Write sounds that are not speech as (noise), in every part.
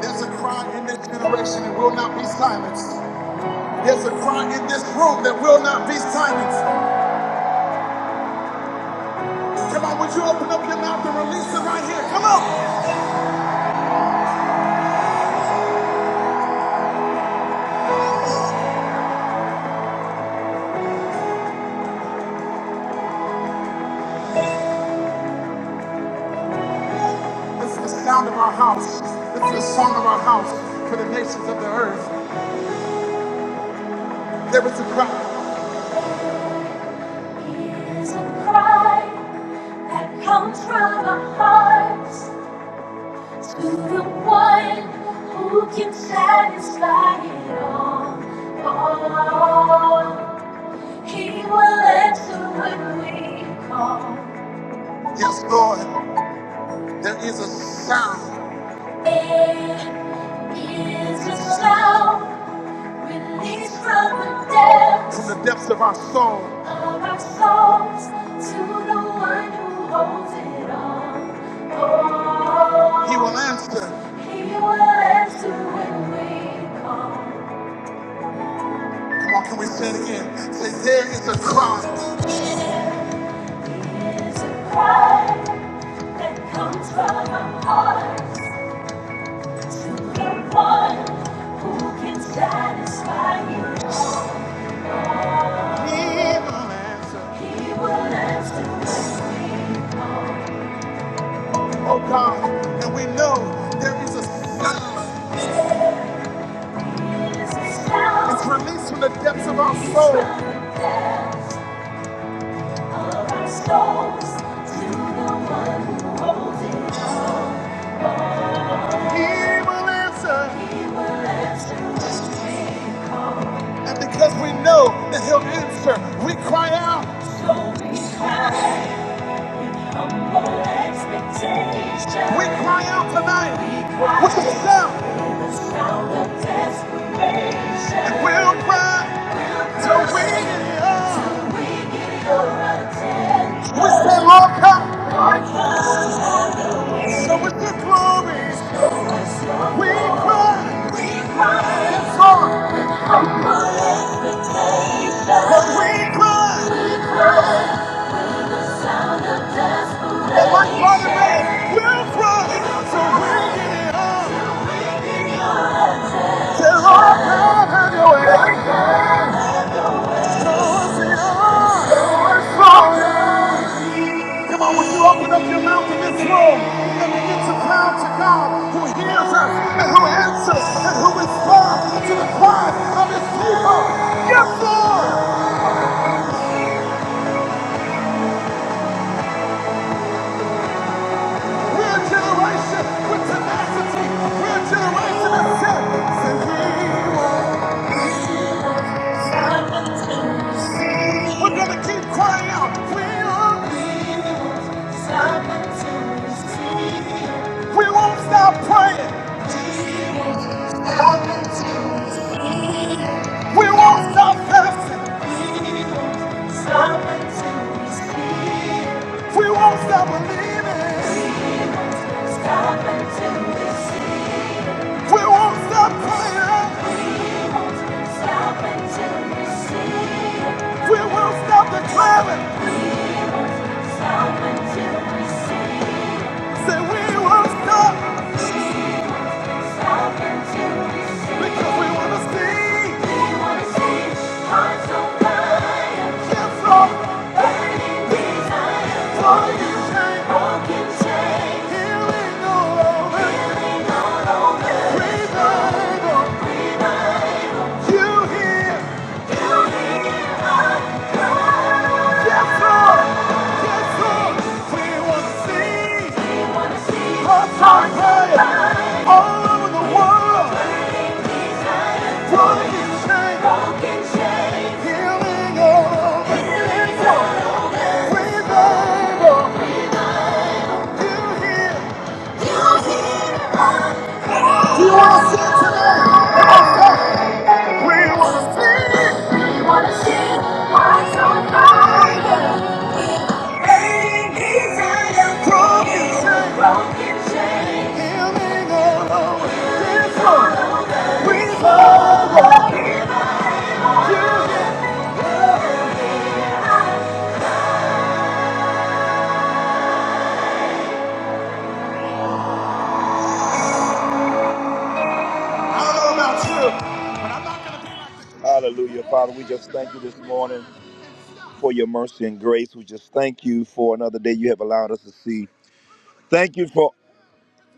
There's a cry in this generation that will not be silenced. There's a cry in this room that will not be silenced. Come on, would you open up your mouth and release it right here? Come on. This is the sound of our house. This is the song of our house for the nations of the earth. There is a cry. There's a cry that comes from our hearts to the one who can satisfy it all. all. He will answer when we call. Yes, Lord, there is a sound. There is a sound released from the depths. From the depths of our soul. Of our souls to the one who holds it all. Oh. He will answer. He will answer when we call. Come on, can we say it again? Say, there is a cry. There is a cry. that comes from our hearts. The one who can satisfy you. He will answer. He will answer. the same. Oh God, and we know there is a sound. There is a sound. It's released from the depths of our soul. Of our souls to the one who holds it. He will answer. He will answer. And because we know that He'll answer, we cry out. We cry out tonight with a shout. And we'll cry till we are. We say, Lord, come. So with your glory, we cry. Yes, Lord. But we cry. And will cry. So we tell all So oh, Come on, when you open up your mouth in this room and begin to cry to God who hears us and who answers and who responds to the cry of his people. Yes, Lord. We're a generation with tenacity. We're a generation that said, said he was. We're gonna keep crying out. We won't be the ones to stop until we see it. We won't stop praying. We won't stop until we see it. We won't stop fasting. We won't stop until we see it. We won't stop believing. We won't stop until we see it. We won't stop praying. We won't stop until we see it. We won't stop declaring. We won't Stop until we see. Say we won't stop. Stop until we see. Because we want to see. We want to see hearts on fire. Yes, Lord. Burning desire for you. Broken chains. Healing all over. Healing all over. Revival. Revival. You hear? Yes, Lord. Yes, Lord. We want to see your fire all over the world. Broken chains, healing all over. Freedom, Lord. You hear? Do you want to see it today? Hallelujah, Father. We just thank you this morning for your mercy and grace. We just thank you for another day you have allowed us to see. Thank you for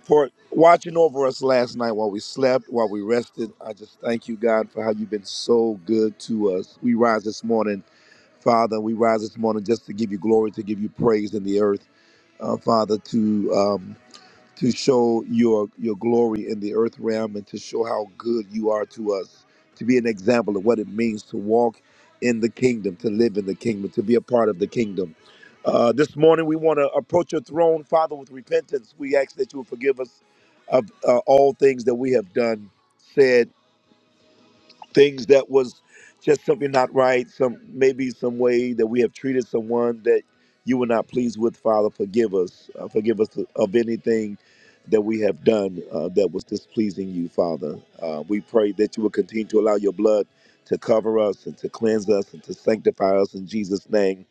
for watching over us last night while we slept, while we rested. I just thank you, God, for how you've been so good to us. We rise this morning, Father. We rise this morning just to give you glory, to give you praise in the earth, uh, Father, to. Um, to show your your glory in the earth realm and to show how good you are to us to be an example of what it means to walk in the kingdom to live in the kingdom to be a part of the kingdom uh, this morning we want to approach your throne father with repentance we ask that you will forgive us of uh, all things that we have done said things that was just something not right, some maybe some way that we have treated someone that you were not pleased with, Father, forgive us. Uh, forgive us of anything that we have done uh, that was displeasing you, Father. Uh, we pray that you will continue to allow your blood to cover us and to cleanse us and to sanctify us in Jesus' name.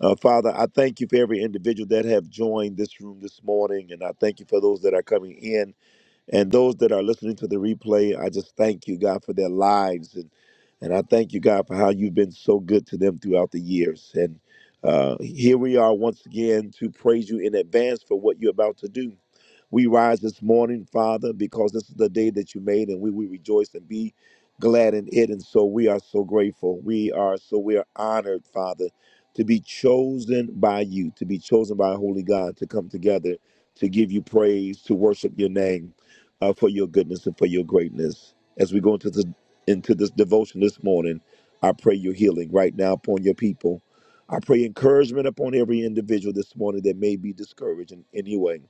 Uh, Father, I thank you for every individual that have joined this room this morning, and I thank you for those that are coming in. And those that are listening to the replay, I just thank you, God, for their lives. And, and I thank you, God, for how you've been so good to them throughout the years. And uh, here we are once again to praise you in advance for what you're about to do. We rise this morning, Father, because this is the day that you made, and we will rejoice and be glad in it. And so we are so grateful. We are so we are honored, Father, to be chosen by you, to be chosen by Holy God, to come together, to give you praise, to worship your name uh, for your goodness and for your greatness. As we go into this, into this devotion this morning, I pray your healing right now upon your people. I pray encouragement upon every individual this morning that may be discouraged in any way.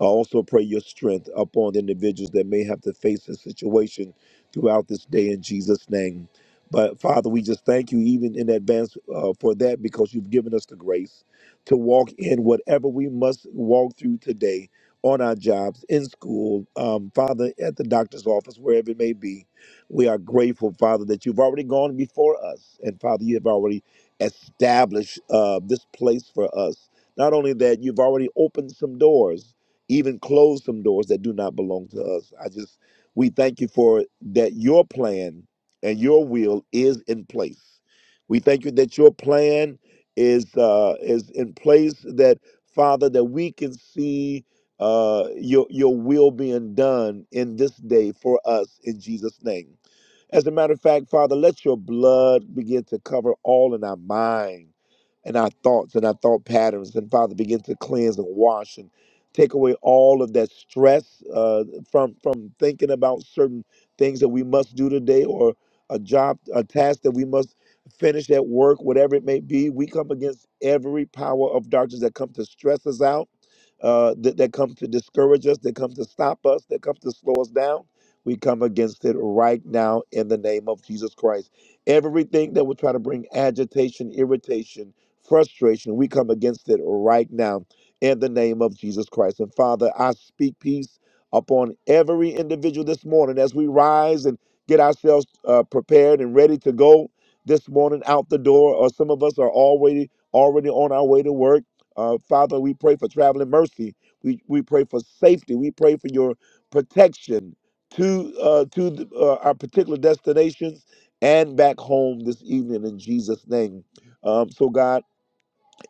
I also pray your strength upon the individuals that may have to face this situation throughout this day in Jesus' name. But Father, we just thank you even in advance uh, for that because you've given us the grace to walk in whatever we must walk through today on our jobs, in school, um, Father, at the doctor's office, wherever it may be. We are grateful, Father, that you've already gone before us. And Father, you have already established uh, this place for us. Not only that, you've already opened some doors even close some doors that do not belong to us. I just, we thank you for that your plan and your will is in place. We thank you that your plan is uh, is in place. That Father, that we can see uh, your your will being done in this day for us in Jesus' name. As a matter of fact, Father, let your blood begin to cover all in our mind and our thoughts and our thought patterns. And Father, begin to cleanse and wash and take away all of that stress uh, from from thinking about certain things that we must do today or a job a task that we must finish at work whatever it may be we come against every power of darkness that comes to stress us out uh, that, that comes to discourage us that comes to stop us that comes to slow us down we come against it right now in the name of jesus christ everything that will try to bring agitation irritation frustration we come against it right now in the name of Jesus Christ. And Father, I speak peace upon every individual this morning as we rise and get ourselves uh, prepared and ready to go this morning out the door. Or some of us are already already on our way to work. Uh, Father, we pray for traveling mercy. We we pray for safety. We pray for your protection to uh, to the, uh, our particular destinations and back home this evening in Jesus' name. Um, so God.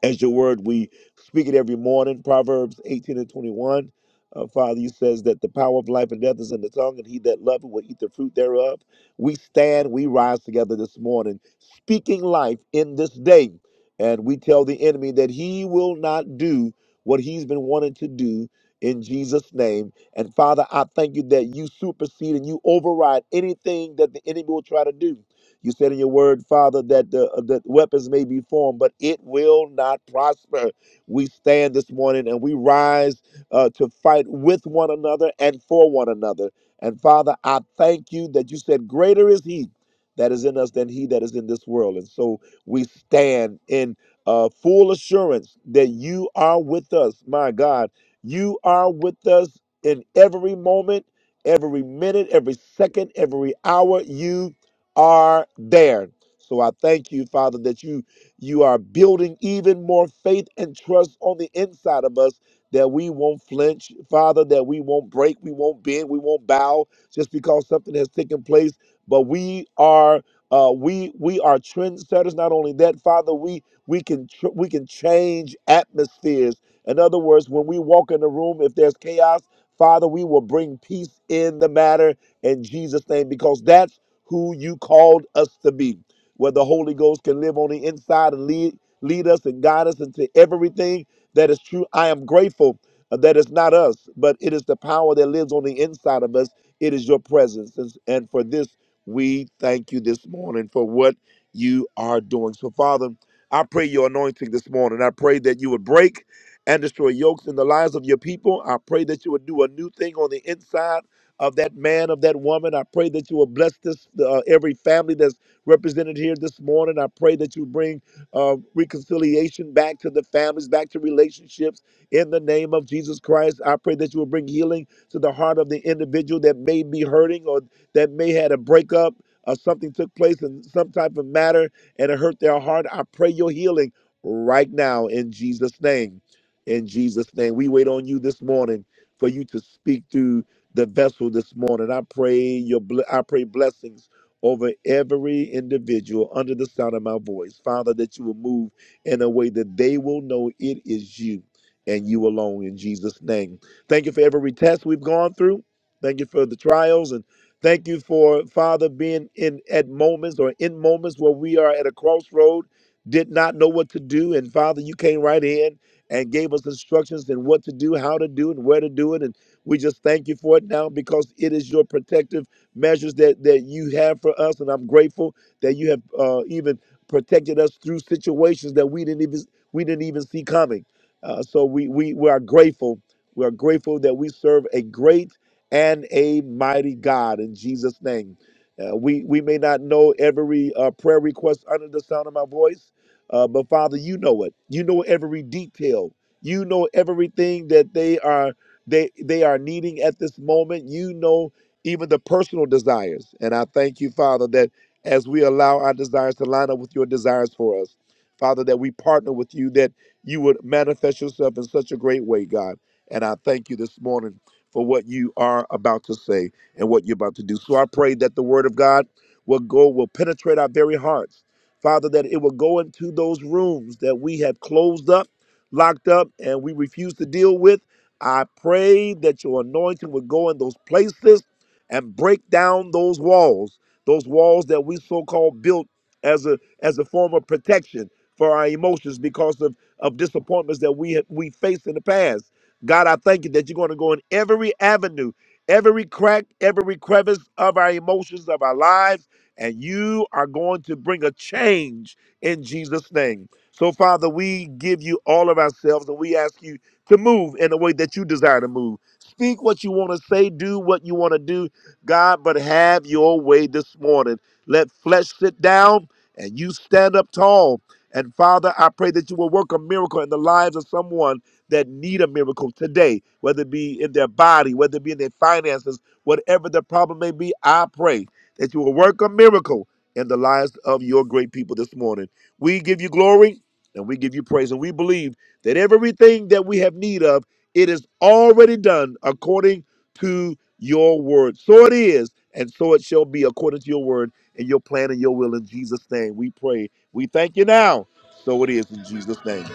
As your word, we speak it every morning. Proverbs 18 and 21. Uh, Father, you says that the power of life and death is in the tongue, and he that loveth will eat the fruit thereof. We stand, we rise together this morning, speaking life in this day. And we tell the enemy that he will not do what he's been wanting to do in Jesus' name. And Father, I thank you that you supersede and you override anything that the enemy will try to do. You said in your word, Father, that the uh, that weapons may be formed, but it will not prosper. We stand this morning and we rise uh, to fight with one another and for one another. And Father, I thank you that you said, Greater is He that is in us than He that is in this world. And so we stand in uh, full assurance that you are with us. My God, you are with us in every moment, every minute, every second, every hour. You are there. So I thank you, Father, that you you are building even more faith and trust on the inside of us that we won't flinch, Father, that we won't break, we won't bend, we won't bow just because something has taken place. But we are uh, we we are trendsetters. Not only that, Father, we we can tr- we can change atmospheres. In other words, when we walk in the room, if there's chaos, Father, we will bring peace in the matter in Jesus' name because that's who you called us to be where the Holy Ghost can live on the inside and lead lead us and guide us into everything that is true. I am grateful that it's not us, but it is the power that lives on the inside of us. It is your presence. And and for this, we thank you this morning for what you are doing. So, Father, I pray your anointing this morning. I pray that you would break and destroy yokes in the lives of your people. I pray that you would do a new thing on the inside of that man, of that woman. I pray that you will bless this uh, every family that's represented here this morning. I pray that you bring uh, reconciliation back to the families, back to relationships in the name of Jesus Christ. I pray that you will bring healing to the heart of the individual that may be hurting or that may had a breakup or something took place in some type of matter and it hurt their heart. I pray your healing right now in Jesus' name. In Jesus' name. We wait on you this morning for you to speak through the vessel this morning. I pray your bl- I pray blessings over every individual under the sound of my voice. Father, that you will move in a way that they will know it is you and you alone in Jesus' name. Thank you for every test we've gone through. Thank you for the trials and thank you for Father being in at moments or in moments where we are at a crossroad, did not know what to do. And Father, you came right in and gave us instructions and what to do, how to do, and where to do it. And we just thank you for it now because it is your protective measures that that you have for us, and I'm grateful that you have uh, even protected us through situations that we didn't even we didn't even see coming. Uh, so we we we are grateful. We are grateful that we serve a great and a mighty God in Jesus' name. Uh, we we may not know every uh, prayer request under the sound of my voice, uh, but Father, you know it. You know every detail. You know everything that they are they they are needing at this moment. You know even the personal desires. And I thank you, Father, that as we allow our desires to line up with your desires for us, Father, that we partner with you, that you would manifest yourself in such a great way, God. And I thank you this morning for what you are about to say and what you're about to do. So I pray that the word of God will go, will penetrate our very hearts. Father, that it will go into those rooms that we have closed up, locked up, and we refuse to deal with. I pray that your anointing would go in those places and break down those walls, those walls that we so-called built as a as a form of protection for our emotions because of of disappointments that we have, we faced in the past. God, I thank you that you're going to go in every avenue, every crack, every crevice of our emotions, of our lives, and you are going to bring a change in Jesus' name. So, Father, we give you all of ourselves and we ask you to move in the way that you desire to move. Speak what you want to say, do what you want to do, God, but have your way this morning. Let flesh sit down and you stand up tall. And Father, I pray that you will work a miracle in the lives of someone that need a miracle today, whether it be in their body, whether it be in their finances, whatever the problem may be, I pray that you will work a miracle in the lives of your great people this morning. We give you glory and we give you praise. And we believe that everything that we have need of, it is already done according to your word. So it is, and so it shall be according to your word and your plan and your will in Jesus' name. We pray. We thank you now. So it is in Jesus' name.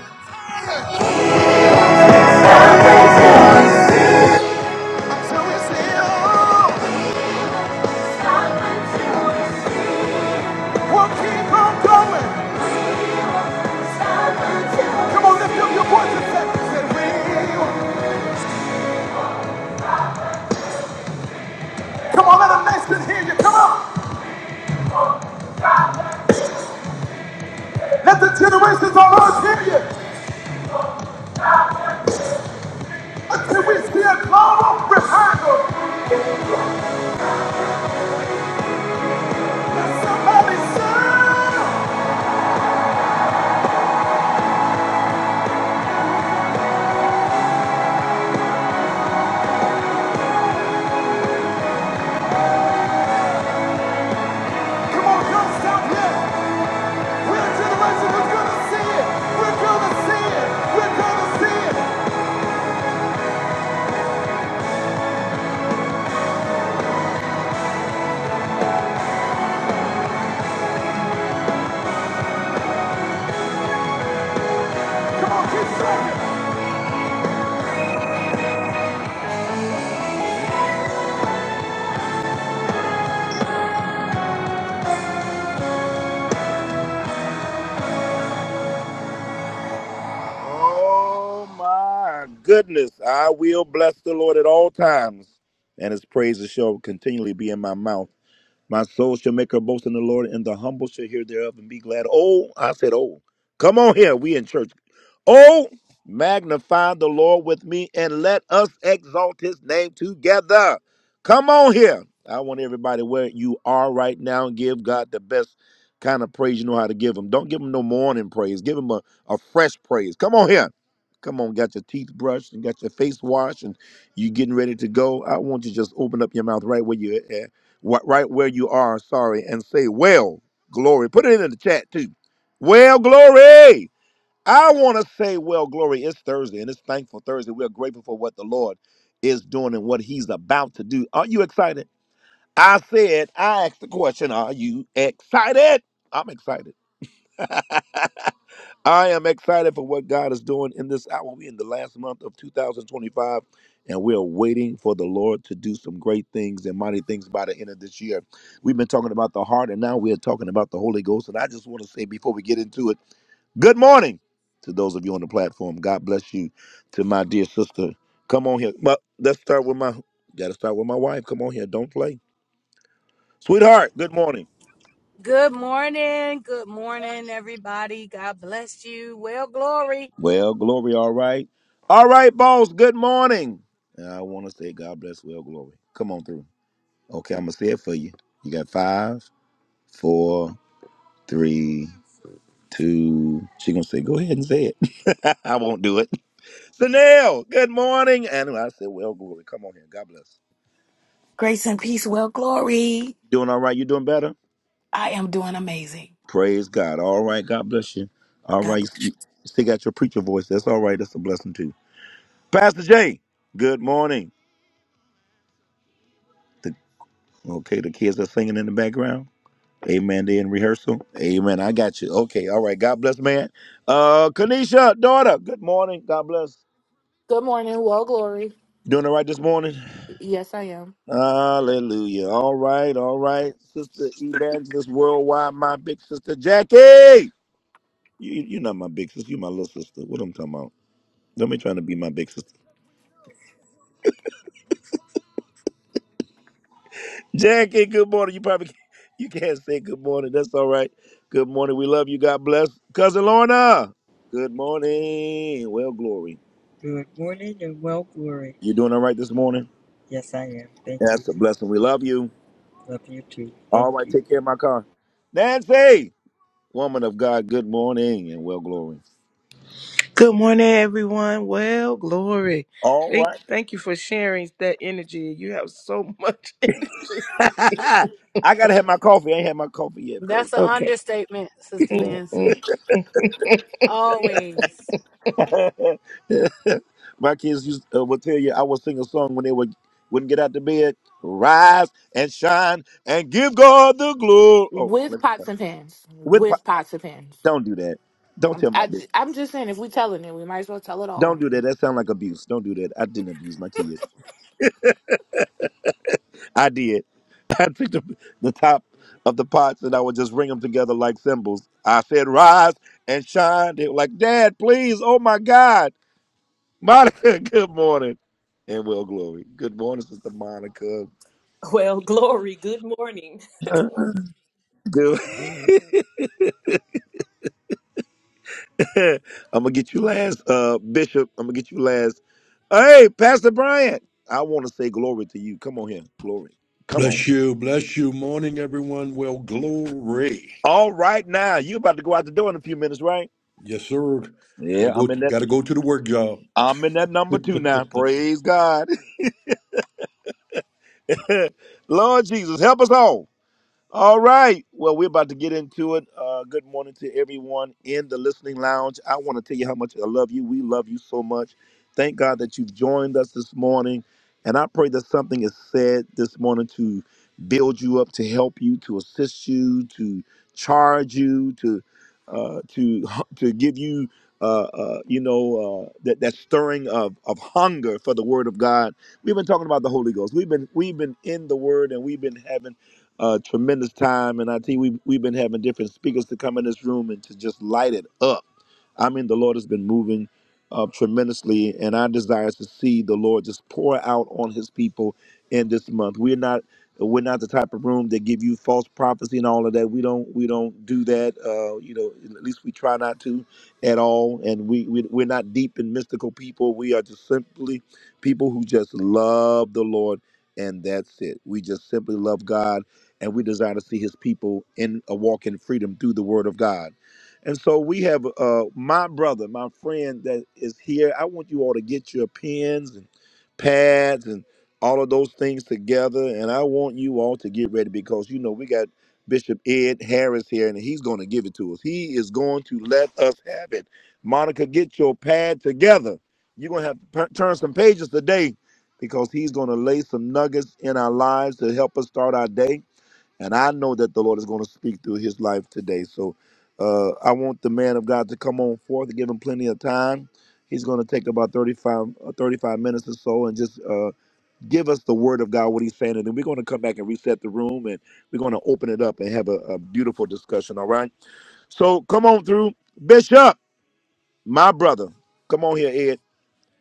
So it's still we'll keep on going. Come on, lift up your voice and say, say, "We will Come on, let a nation hear you. Come on. Let the generations on earth hear you. Until we see a global revival. Let somebody sing. Come on, don't stop yet. We're a generation who's going to see it. We're going to see it. We're going to see it. Come on, keep singing. Oh, my goodness. I will bless the Lord at all times. And his praises shall continually be in my mouth. My soul shall make her boast in the Lord, and the humble shall hear thereof and be glad. Oh, I said, oh, come on here. We in church. Oh, magnify the Lord with me, and let us exalt his name together. Come on here. I want everybody where you are right now. Give God the best kind of praise you know how to give him. Don't give him no morning praise. Give him a, a fresh praise. Come on here. Come on, got your teeth brushed and got your face washed and you getting ready to go. I want you to just open up your mouth right where you at wh- right where you are, sorry, and say, Well, glory. Put it in the chat too. Well, glory. I want to say, Well, glory. It's Thursday and it's thankful Thursday. We're grateful for what the Lord is doing and what He's about to do. Are you excited? I said, I asked the question, Are you excited? I'm excited. (laughs) I am excited for what God is doing in this hour. We're in the last month of 2025, and we are waiting for the Lord to do some great things and mighty things by the end of this year. We've been talking about the heart, and now we are talking about the Holy Ghost. And I just want to say before we get into it, good morning to those of you on the platform. God bless you. To my dear sister, come on here. But let's start with my. Got to start with my wife. Come on here. Don't play, sweetheart. Good morning. Good morning. Good morning, everybody. God bless you. Well, glory. Well, glory, all right. All right, boss, good morning. And I want to say God bless, well, glory. Come on through. Okay, I'm going to say it for you. You got five, four, three, two. She going to say, go ahead and say it. (laughs) I won't do it. Sanel, good morning. And I said, well, glory. Come on here. God bless. Grace and peace. Well, glory. You doing all right? You doing better? I am doing amazing. Praise God. All right, God bless you. All God right, bless you. you still got your preacher voice. That's all right. That's a blessing, too. Pastor Jay, good morning. The, okay, the kids are singing in the background. Amen. They in rehearsal. Amen. I got you. Okay. All right. God bless, man. Uh, Kanisha, daughter. Good morning. God bless. Good morning, well, Glory. You doing all right this morning? Yes, I am. Hallelujah. All right. All right. Sister Evangelist Worldwide, my big sister Jackie. You, you're not my big sister. you my little sister. What I'm talking about? Don't be trying to be my big sister. Jackie, good morning. You probably can't, (laughs) you can't say good morning. That's all right. Good morning. We love you. God bless. Cousin Lorna. Good morning. Well, glory. Good morning and well, glory. You doing all right this morning? Yes, I am. Thank you. That's a blessing. We love you. Love you too. All Thank right, you. take care of my car. Nancy, woman of God, good morning and well glory. Good morning, everyone. Well, glory. All Thank, right. thank you for sharing that energy. You have so much (laughs) energy. (laughs) I gotta have my coffee. I ain't had my coffee yet, That's an Okay. understatement, Sister Nancy. Always. praise. (laughs) my kids used uh, would tell you I would sing a song when they would wouldn't get out the bed. Rise and shine and give God the glory. Oh, With let me stop. pots and pans. With po- With pots and pans. don't do that. Don't I'm, tell I, my am business. i am just saying, if we telling it, we might as well tell it all. Don't do that. That sounds like abuse. Don't do that. I didn't abuse my kids. I did. (laughs) I picked up the top of the pots and I would just ring them together like cymbals. I said, "Rise and shine." They were like, "Dad, please! Oh my God, Monica, (laughs) good morning." And well, glory. Good morning, Sister Monica. Well, (laughs) glory. Good morning. Good. (laughs) I'm gonna get you last, uh, Bishop. I'm gonna get you last. Hey, Pastor Bryant. I want to say glory to you. Come on here, glory. Come on. Bless you, bless you. Morning, everyone. Well, glory. All right, now you about to go out the door in a few minutes, right? Yes, sir. Gotta Yeah, go. I'm in that. gotta go to the work job. I'm in that number two now. (laughs) Praise God. (laughs) (laughs) Lord Jesus, help us all. All right. Well, we're about to get into it. Uh, good morning to everyone in the listening lounge. I want to tell you how much I love you. We love you so much. Thank God that you've joined us this morning. And I pray that something is said this morning to build you up, to help you, to assist you, to charge you, to uh, to to give you, uh, uh, you know, uh, that that stirring of of hunger for the Word of God. We've been talking about the Holy Ghost. We've been we've been in the Word, and we've been having uh, tremendous time. And I think we we've been having different speakers to come in this room and to just light it up I mean, the Lord has been moving uh, tremendously, and our desire is to see the Lord just pour out on His people in this month. We're not we're not the type of room that give you false prophecy and all of that. We don't we don't do that. Uh, you know, at least we try not to at all. And we, we we're not deep in mystical people. We are just simply people who just love the Lord, and that's it. We just simply love God, and we desire to see His people in a walk in freedom through the Word of God. And so we have uh, my brother, my friend that is here. I want you all to get your pens and pads and all of those things together. And I want you all to get ready because, you know, we got Bishop Ed Harris here and he's going to give it to us. He is going to let us have it. Monica, get your pad together. You're going to have to p- turn some pages today because he's going to lay some nuggets in our lives to help us start our day. And I know that the Lord is going to speak through his life today. So uh, I want the man of God to come on forth and give him plenty of time. He's going to take about 35, uh, 35 minutes or so and just uh, give us the word of God, what he's saying. And then we're going to come back and reset the room and we're going to open it up and have a, a beautiful discussion. All right. So come on through. Bishop, my brother. Come on here, Ed.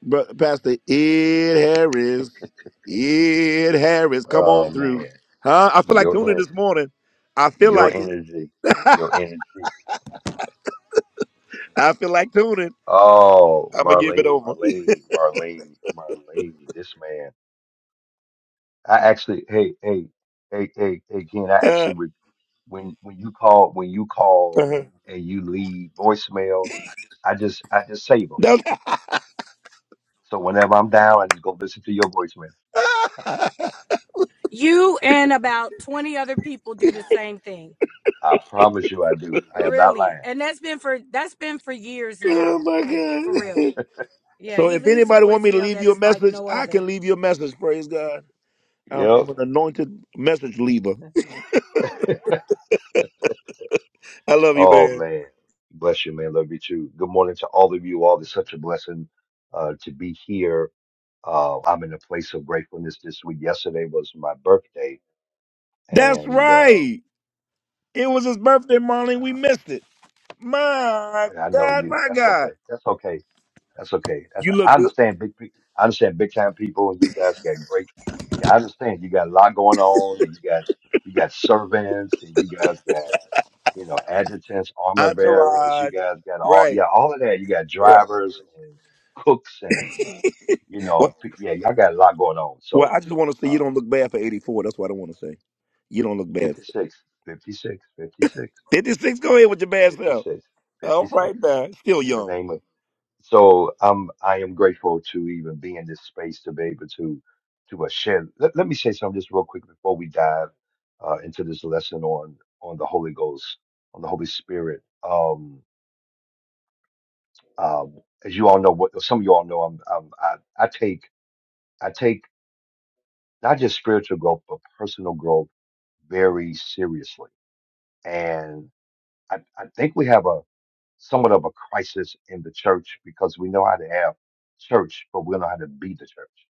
Bro, Pastor Ed Harris. Ed Harris, come Oh on through. man, Huh? I feel like tuning your en- this morning. I feel your like it. energy, your energy. I feel like tuning. Oh, I'm gonna give it Marlene, over. (laughs) Marlene, Marlene, Marlene. This man, I actually, hey, hey, hey, hey, hey, Ken. I Uh, actually, re- when when you call, when you call Uh-huh. and you leave voicemails, I just I just save them. No- So whenever I'm down, I just go listen to your voicemail. (laughs) You and about 20 other people do the same thing. I promise you, I do. I am not Really. lying. And that's been for that's been for years oh now. my Like for real. God. (laughs) Yeah, so he if leaves a anybody want me to voicemail leave that you a is like message, no I can other. leave you a message. Praise God. I'm, Yep. I'm an anointed message leaver. (laughs) I love you, Oh man. man, bless you, man. Love you too. Good morning to all of you all. It's such a blessing uh, to be here. Uh, I'm in a place of gratefulness this week. Yesterday was my birthday, That's and um, right. It was his birthday, Marlene. We uh, missed it. My I know God, you. my That's God. okay. That's okay. That's okay. That's You I look good. understand big. pe- I understand big time people, and you guys got great. And I understand you got a lot going on, and you got you got servants, and you guys got. you know, adjutants, armor bearers. You Entourage. guys got all, Right. yeah, all of that. You got Right. drivers and cooks and, you know, Well, p- yeah, y'all got a lot going on. well, So, I just want to say uh, you don't look bad for 84. That's what I want to say. You don't look bad. 56, fifty-six, 56, go ahead with your bad self. fifty-six, fifty-six, All right fifty-six now. Still in the young. name of, so um, I am grateful to even be in this space to be able to, to uh, share. Let, let me say something just real quick before we dive, uh, into this lesson on, on the Holy Ghost, on the Holy Spirit. Um, Um, as you all know, what some of you all know, I'm, I'm, I, I take I take not just spiritual growth but personal growth very seriously, and I, I think we have a somewhat of a crisis in the church because we know how to have church, but we don't know how to be the church.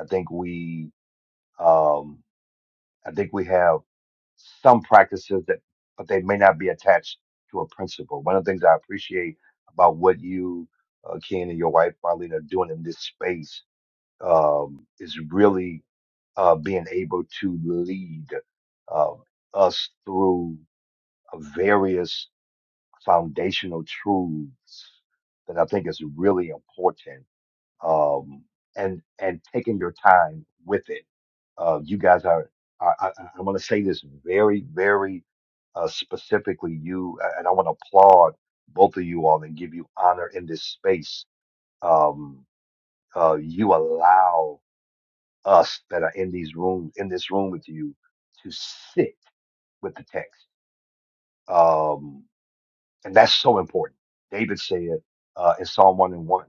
I think we um, I think we have some practices that, but they may not be attached to a principle. One of the things I appreciate about what you, uh, Ken, and your wife, Marlene, are doing in this space um, is really uh, being able to lead um, us through uh, various foundational truths that I think is really important. Um, and and taking your time with it. Uh, you guys are. I, I, I'm going to say this very, very uh, specifically. You and I want to applaud both of you all and give you honor in this space. Um, uh, you allow us that are in these rooms, in this room with you, to sit with the text. Um, and that's so important. David said uh, in Psalm 1 and 1,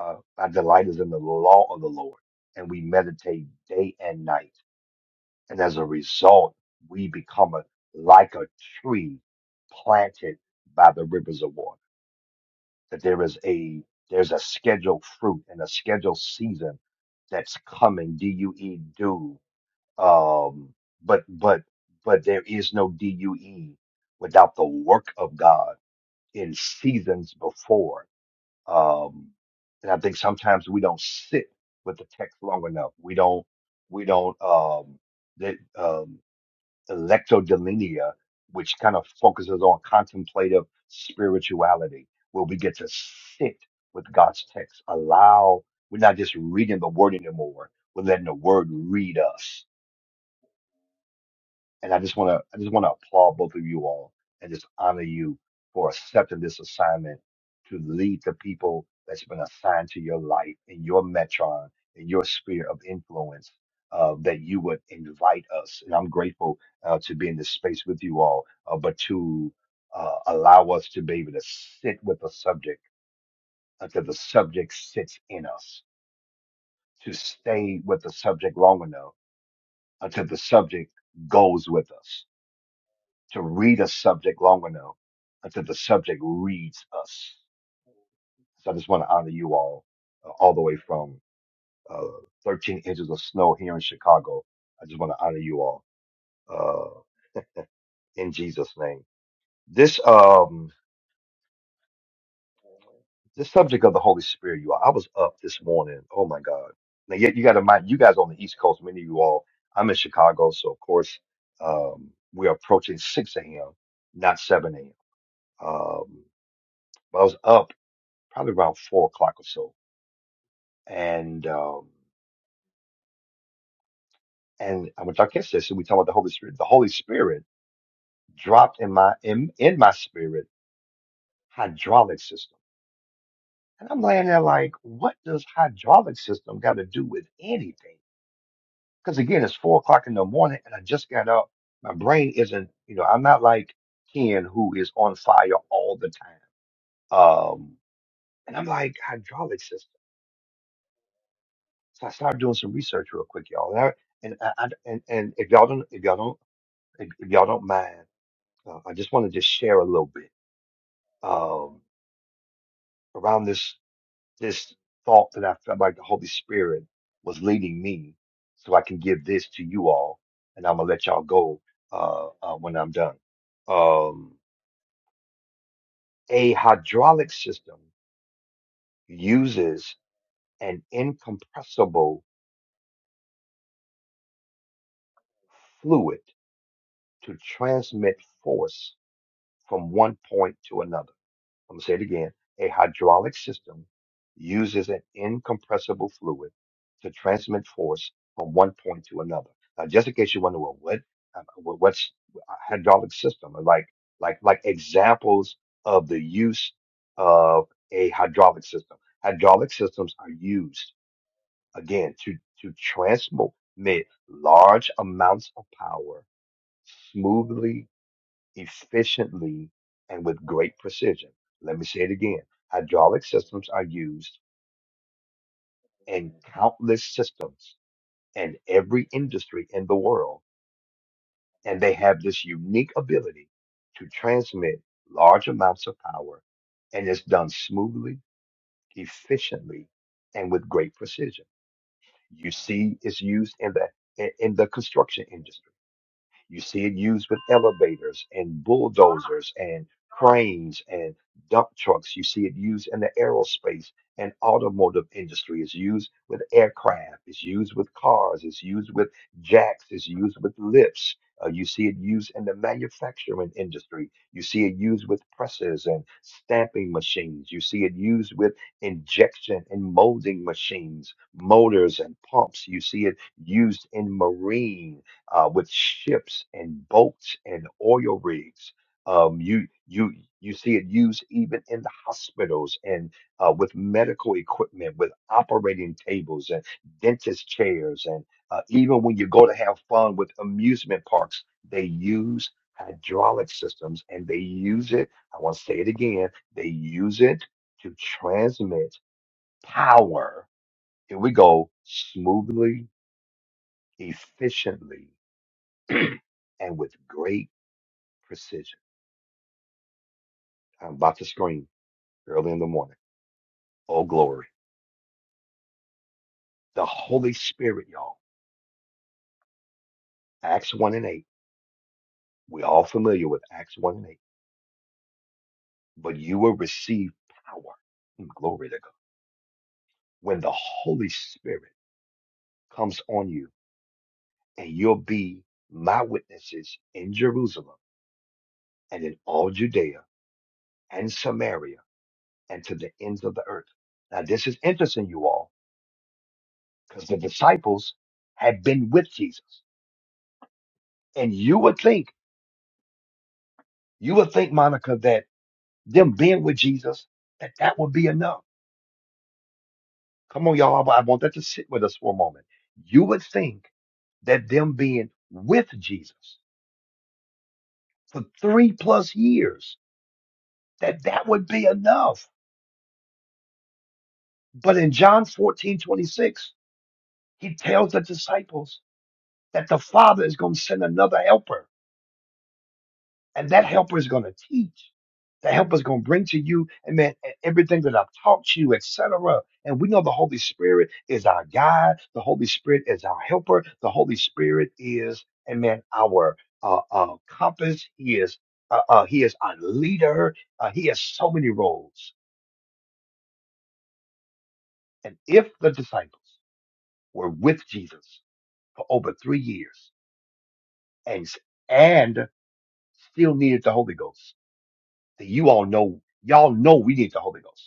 uh, My delight is in the law of the Lord, and we meditate day and night. And as a result, we become a, like a tree planted by the rivers of water. That there is a there's a scheduled fruit and a scheduled season that's coming. D U E due Um, but but but there is no DUE without the work of God in seasons before. Um, and I think sometimes we don't sit with the text long enough. We don't we don't um, the um, electodelinia, which kind of focuses on contemplative spirituality, where we get to sit with God's text. Allow we're not just reading the word anymore. We're letting the word read us And I just want to, I just want to applaud both of you all and just honor you for accepting this assignment to lead the people that's been assigned to your life and your metron and your sphere of influence uh, that you would invite us. And I'm grateful uh, to be in this space with you all, uh, but to uh, allow us to be able to sit with the subject until the subject sits in us, to stay with the subject long enough until the subject goes with us to read a subject long enough until the subject reads us. So I just want to honor you all, uh, all the way from uh, 13 inches of snow here in Chicago. I just want to honor you all uh, in Jesus' name. This um, this subject of the Holy Spirit, you all. I was up this morning. Oh my God! Now, yet you got to mind, you guys on the East Coast, many of you all. I'm in Chicago, so of course um, we are approaching 6 a.m., not 7 a.m. Um, but I was up probably around four o'clock or so. And um, and I went to our kids' session. We talked about the Holy Spirit. The Holy Spirit dropped in my in, in my spirit hydraulic system, and I'm laying there like, what does hydraulic system got to do with anything? Because again, it's four o'clock in the morning, and I just got up. My brain isn't, you know, I'm not like Ken who is on fire all the time. Um, and I'm like hydraulic system. So I started doing some research real quick, y'all. And I, and I, I- and and if y'all don't if y'all don't if if y'all don't mind, uh, I just want to just share a little bit um, around this this thought that I felt like the Holy Spirit was leading me, so I can give this to you all, and I'm gonna let y'all go uh, uh, when I'm done. Um, a hydraulic system uses an incompressible fluid to transmit force from one point to another. I'm going to say it again. A hydraulic system uses an incompressible fluid to transmit force from one point to another. Now, just in case you wonder, well, what, uh, what- what's a hydraulic system? Or Like, like, like examples of the use of a hydraulic system. Hydraulic systems are used again to, to transmit large amounts of power smoothly efficiently and with great precision. Let me say it again. Hydraulic systems are used in countless systems in every industry in the world, and they have this unique ability to transmit large amounts of power, and it's done smoothly, efficiently, and with great precision. You see, it's used in the in in the construction industry. You see it used with elevators and bulldozers and cranes and dump trucks. You see it used in the aerospace and automotive industry. It's used with aircraft. It's used with cars. It's used with jacks. It's used with lifts. Uh, you see it used in the manufacturing industry. You see it used with presses and stamping machines. You see it used with injection and molding machines, motors and pumps. You see it used in marine uh, with ships and boats and oil rigs. Um, you you you see it used even in the hospitals and uh, with medical equipment, with operating tables and dentist chairs, and uh, even when you go to have fun with amusement parks, they use hydraulic systems and they use it. I want to say it again. They use it to transmit power. Here we go, smoothly, efficiently (clears throat) and with great precision. I'm about to scream early in the morning. Oh, glory. The Holy Spirit, y'all. Acts 1 and 8. We're all familiar with Acts 1 and 8. But you will receive power. Mm, Glory to God. When the Holy Spirit comes on you, and you'll be my witnesses in Jerusalem and in all Judea and Samaria and to the ends of the earth. Now, this is interesting, you all, because the disciples had been with Jesus. And you would think, You would think, Monica, that them being with Jesus, that that would be enough. Come on, y'all. I I want that to sit with us for a moment. You would think that them being with Jesus for three plus years, that that would be enough. But in John 14:26, he tells the disciples that the Father is going to send another helper And that helper is going to teach. The helper is going to bring to you, amen, e-, everything that I've taught you, etc. And we know the Holy Spirit is our guide. The Holy Spirit is our helper. The Holy Spirit is, amen, our uh, uh, compass. He is, uh, uh, he is our leader. Uh, he has so many roles. And if the disciples were with Jesus for over three years and and still needed the Holy Ghost, then you all know, y'all know we need the Holy Ghost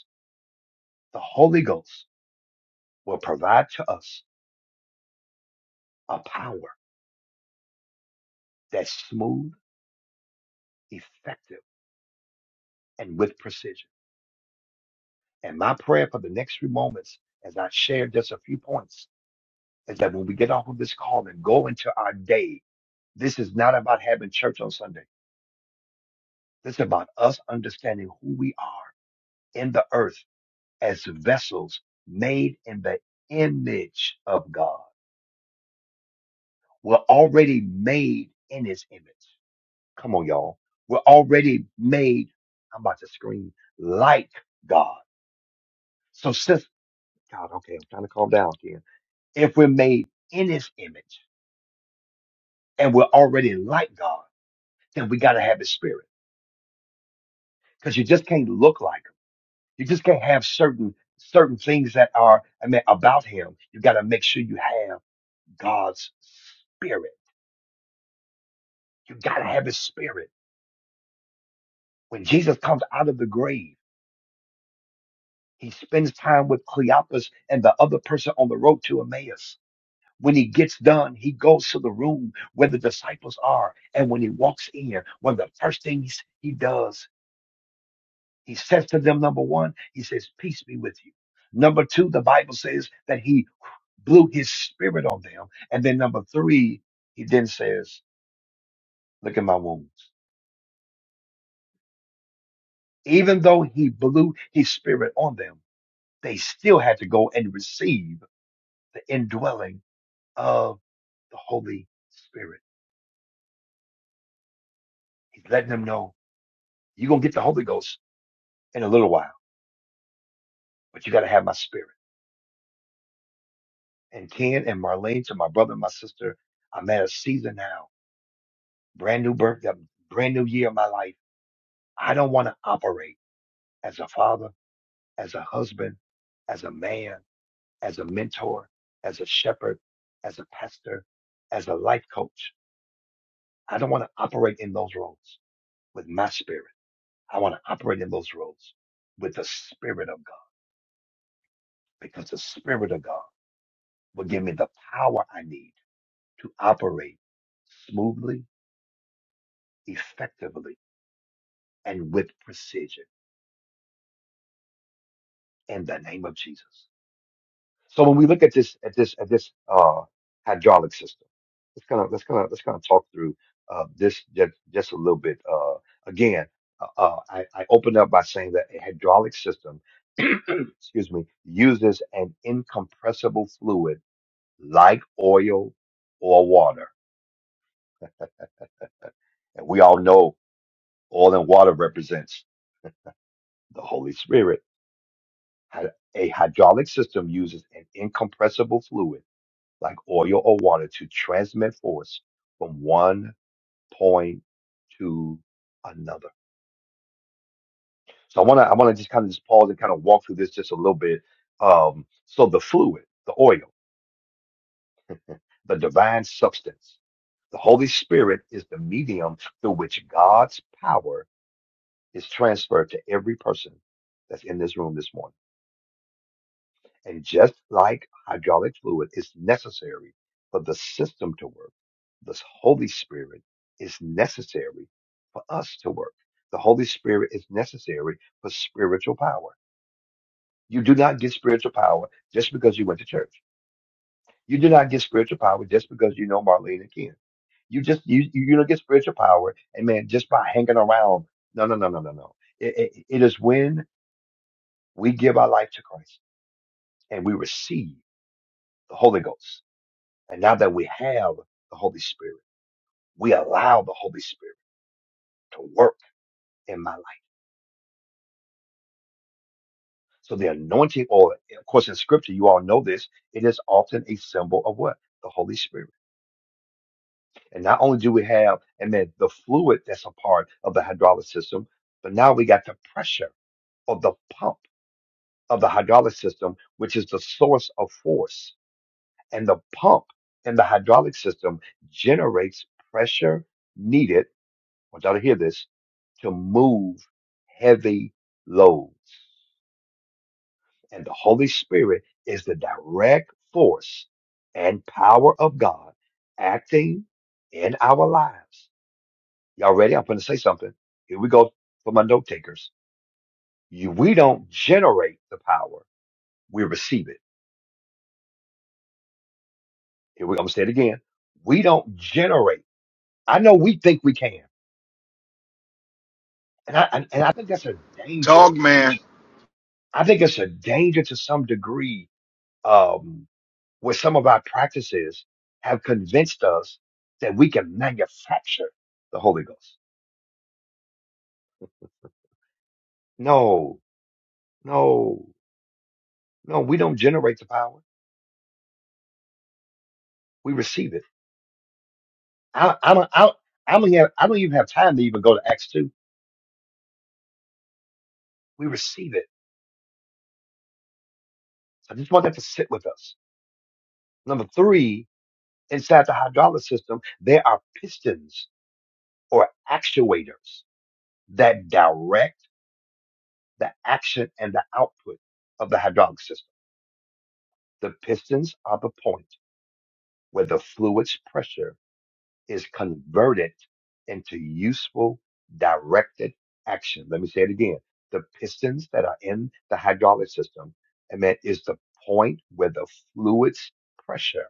The Holy Ghost will provide to us a power that's smooth, effective, and with precision. And my prayer for the next few moments, as I share just a few points, is that when we get off of this call and go into our day, this is not about having church on Sunday. This is about us understanding who we are in the earth as vessels made in the image of God. We're already made in his image. Come on, y'all. We're already made. I'm about to scream like God. So since God, okay, I'm trying to calm down here. If we're made in his image and we're already like God, then we got to have his spirit because you just can't look like him. You just can't have certain, certain things that are, I mean, about him. You got to make sure you have God's spirit. You got to have his spirit. When Jesus comes out of the grave, he spends time with Cleopas and the other person on the road to Emmaus. When he gets done, he goes to the room where the disciples are. And when he walks in, one of the first things he does, he says to them, number one, he says, peace be with you. Number two, the Bible says that he blew his spirit on them. And then number three, he then says, look at my wounds. Even though he blew his spirit on them, they still had to go and receive the indwelling of the Holy Spirit. He's letting them know you're going to get the Holy Ghost in a little while but you got to have my spirit. And Ken and Marlene, to my brother and my sister, I'm at a season now, brand new birth, a brand new year of my life. I don't want to operate as a father, as a husband, as a man, as a mentor, as a shepherd, as a pastor, as a life coach. I don't want to operate in those roles with my spirit. I want to operate in those roles with the spirit of God because the spirit of God will give me the power I need to operate smoothly effectively and with precision in the name of Jesus. So when we look at this at this at this uh, hydraulic system, let's kind of let's kind of let's kind of talk through uh, this just just a little bit. Uh, again, uh, uh, I, I opened up by saying that a hydraulic system, (clears throat) excuse me, uses an incompressible fluid like oil or water, and we all know oil and water represents the Holy Spirit Hy- A hydraulic system uses an incompressible fluid like oil or water to transmit force from one point to another. So I want to I want to just kind of just pause and kind of walk through this just a little bit. Um, so the fluid, the oil, the divine substance, the Holy Spirit is the medium through which God's power is transferred to every person that's in this room this morning. And just like hydraulic fluid is necessary for the system to work, the Holy Spirit is necessary for us to work. The Holy Spirit is necessary for spiritual power. You do not get spiritual power just because you went to church. You do not get spiritual power just because you know Marlene and Ken. You just you you don't get spiritual power, and man, just by hanging around. No, no, no, no, no, no. It, it, it is when we give our life to Christ and we receive the Holy Ghost And now that we have the Holy Spirit, we allow the Holy Spirit to work in my life. So the anointing oil, of course, in scripture, you all know this, it is often a symbol of what? The Holy Spirit. And not only do we have, and then the fluid that's a part of the hydraulic system, but now we got the pressure of the pump of the hydraulic system, which is the source of force. And the pump in the hydraulic system generates pressure needed. I want y'all to hear this to move heavy loads. And the Holy Spirit is the direct force and power of God acting in our lives. Y'all ready? I'm going to say something. Here we go for my note takers. You, we don't generate the power, we receive it. Here we go. I'm going to say it again. We don't generate. I know we think we can. And I, and and I think that's a Dog danger. man. I think it's a danger to some degree um, where some of our practices have convinced us that we can manufacture the Holy Ghost. No, no, no, we don't generate the power. We receive it. I, I don't, I, I don't have, I don't even have time to even go to Acts 2. We receive it. I just want that to sit with us. Number three, inside the hydraulic system, there are pistons or actuators that direct the action and the output of the hydraulic system. The pistons are the point where the fluid's pressure is converted into useful directed action. Let me say it again. The pistons that are in the hydraulic system, and that is the point where the fluid's pressure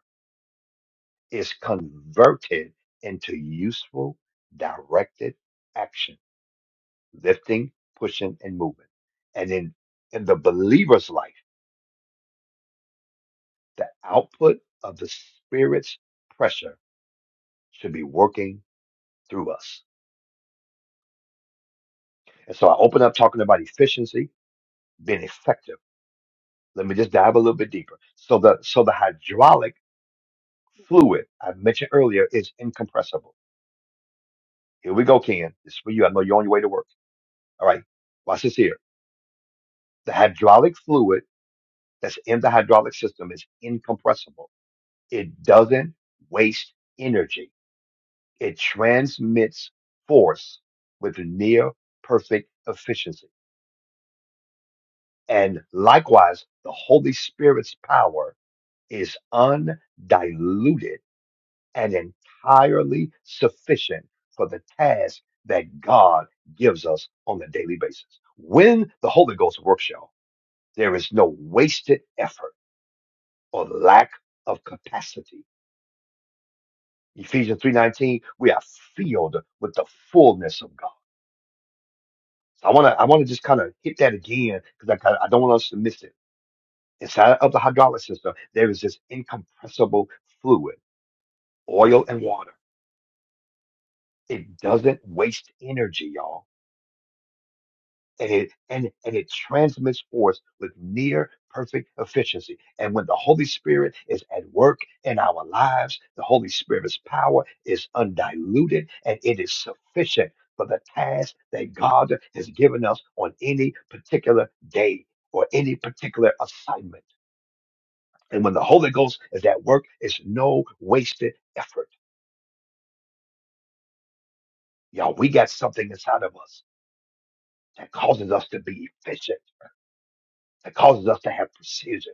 is converted into useful directed action, lifting, pushing, and moving. And in, in the believer's life, the output of the spirit's pressure should be working through us. And so I opened up talking about efficiency, being effective. Let me just dive a little bit deeper. So the so the hydraulic fluid I mentioned earlier is incompressible. Here we go, Ken. This is for you. I know you're on your way to work. All right. Watch this here. The hydraulic fluid that's in the hydraulic system is incompressible. It doesn't waste energy. It transmits force with near perfect efficiency. And likewise, the Holy Spirit's power is undiluted and entirely sufficient for the task that God gives us on a daily basis. When the Holy Ghost works, y'all, there is no wasted effort or lack of capacity. Ephesians 3:19, we are filled with the fullness of God. So I want to I want to just kind of hit that again because I kinda- I don't want us to miss it. Inside of the hydraulic system, there is this incompressible fluid, oil and water. It doesn't waste energy, y'all. And it and, and it transmits force with near perfect efficiency. And when the Holy Spirit is at work in our lives, the Holy Spirit's power is undiluted and it is sufficient for the task that God has given us on any particular day or any particular assignment. And when the Holy Ghost is at work, it's no wasted effort. Y'all, we got something inside of us that causes us to be efficient that causes us to have precision.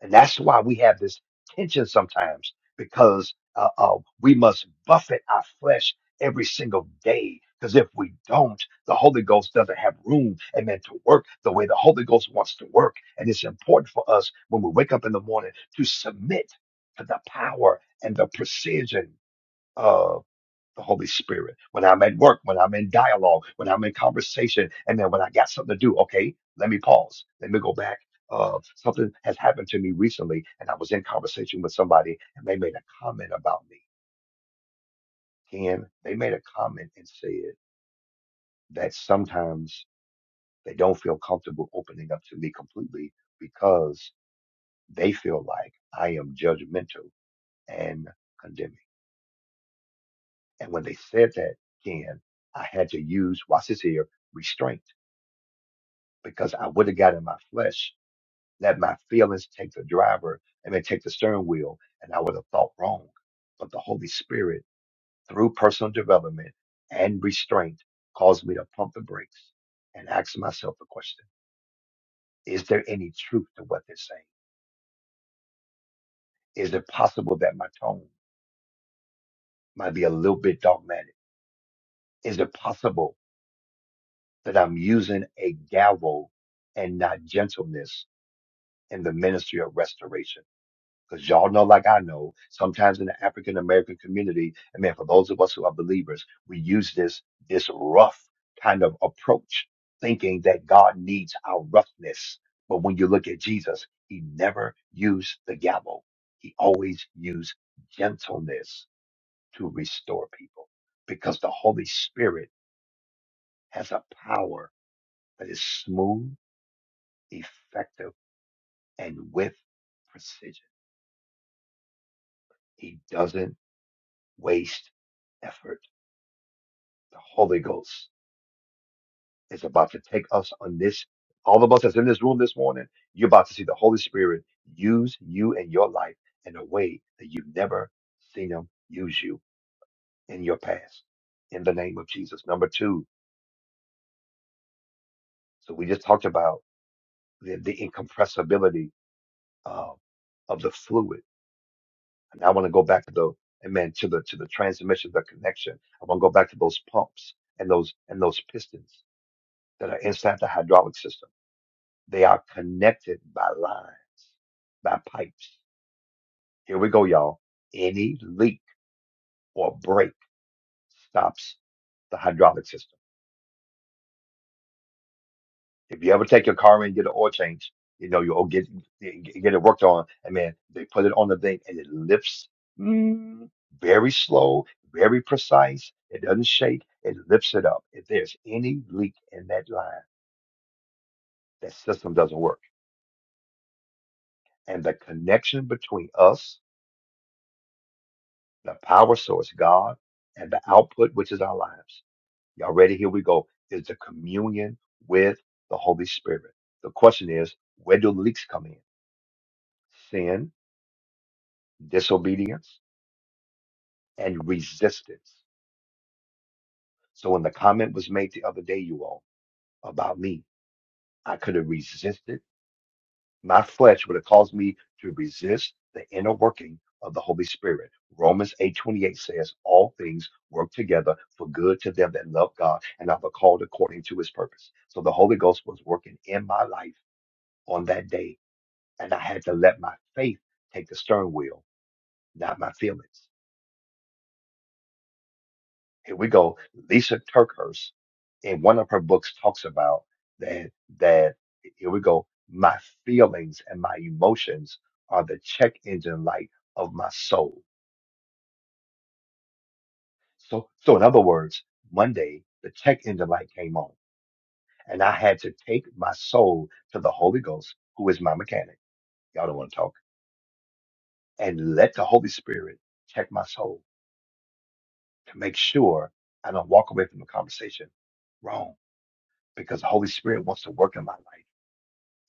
And that's why we have this tension sometimes because uh, uh, we must buffet our flesh every single day. Because if we don't, the Holy Ghost doesn't have room, amen, to work the way the Holy Ghost wants to work. And it's important for us when we wake up in the morning to submit to the power and the precision the Holy Spirit. When I'm at work, when I'm in dialogue, when I'm in conversation, and then when I got something to do, okay, let me pause. Let me go back. Uh, something has happened to me recently, and I was in conversation with somebody, and they made a comment about me. And they made a comment and said that sometimes they don't feel comfortable opening up to me completely because they feel like I am judgmental and condemning. And when they said that, Ken, I had to use, watch this here, restraint because I would have got in my flesh, let my feelings take the driver and then take the steering wheel, and I would have thought wrong. But the Holy Spirit, through personal development and restraint, caused me to pump the brakes and ask myself the question Is there any truth to what they're saying? Is it possible that my tone might be a little bit dogmatic? Is it possible that I'm using a gavel and not gentleness in the ministry of restoration? because y'all know, like I know, sometimes in the African American community, and man, for those of us who are believers, we use this this rough kind of approach, thinking that God needs our roughness. But when you look at Jesus, he never used the gavel. He always used gentleness to restore people because the Holy Spirit has a power that is smooth, effective, and with precision. He doesn't waste effort the Holy Ghost is about to take us on this. All of us that's in this room this morning, you're about to see the Holy Spirit use you and your life in a way that you've never seen Him use you in your past. In the name of Jesus. Number two, so we just talked about the, the incompressibility of, of the fluid. And I want to go back to the amen to the to the transmission, the connection. I want to go back to those pumps and those and those pistons that are inside the hydraulic system They are connected by line, by pipes. Here we go, y'all. Any leak or break stops the hydraulic system. If you ever take your car and get an oil change, you know you'll get get it worked on, and man, they put it on the thing and it lifts mm, very slow, very precise. It doesn't shake. It lifts it up. If there's any leak in that line, that system doesn't work. And the connection between us, the power source, God, and the output, which is our lives. Y'all ready? Here we go. Is the communion with the Holy Spirit. The question is, where do leaks come in? Sin, disobedience, and resistance. So when the comment was made the other day, you all, about me, I could have resisted. My flesh would have caused me to resist the inner working of the Holy Spirit. Romans 8:28 says, All things work together for good to them that love God and are the called according to his purpose. So the Holy Ghost was working in my life on that day and I had to let my faith take the steering wheel, not my feelings. Here we go. Lisa Turkhurst, in one of her books, talks about that. That here we go. My feelings and my emotions are the check engine light of my soul. So, so in other words, Monday the check engine light came on, and I had to take my soul to the Holy Ghost, who is my mechanic. Y'all don't want to talk, and let the Holy Spirit check my soul to make sure I don't walk away from the conversation wrong because the Holy Spirit wants to work in my life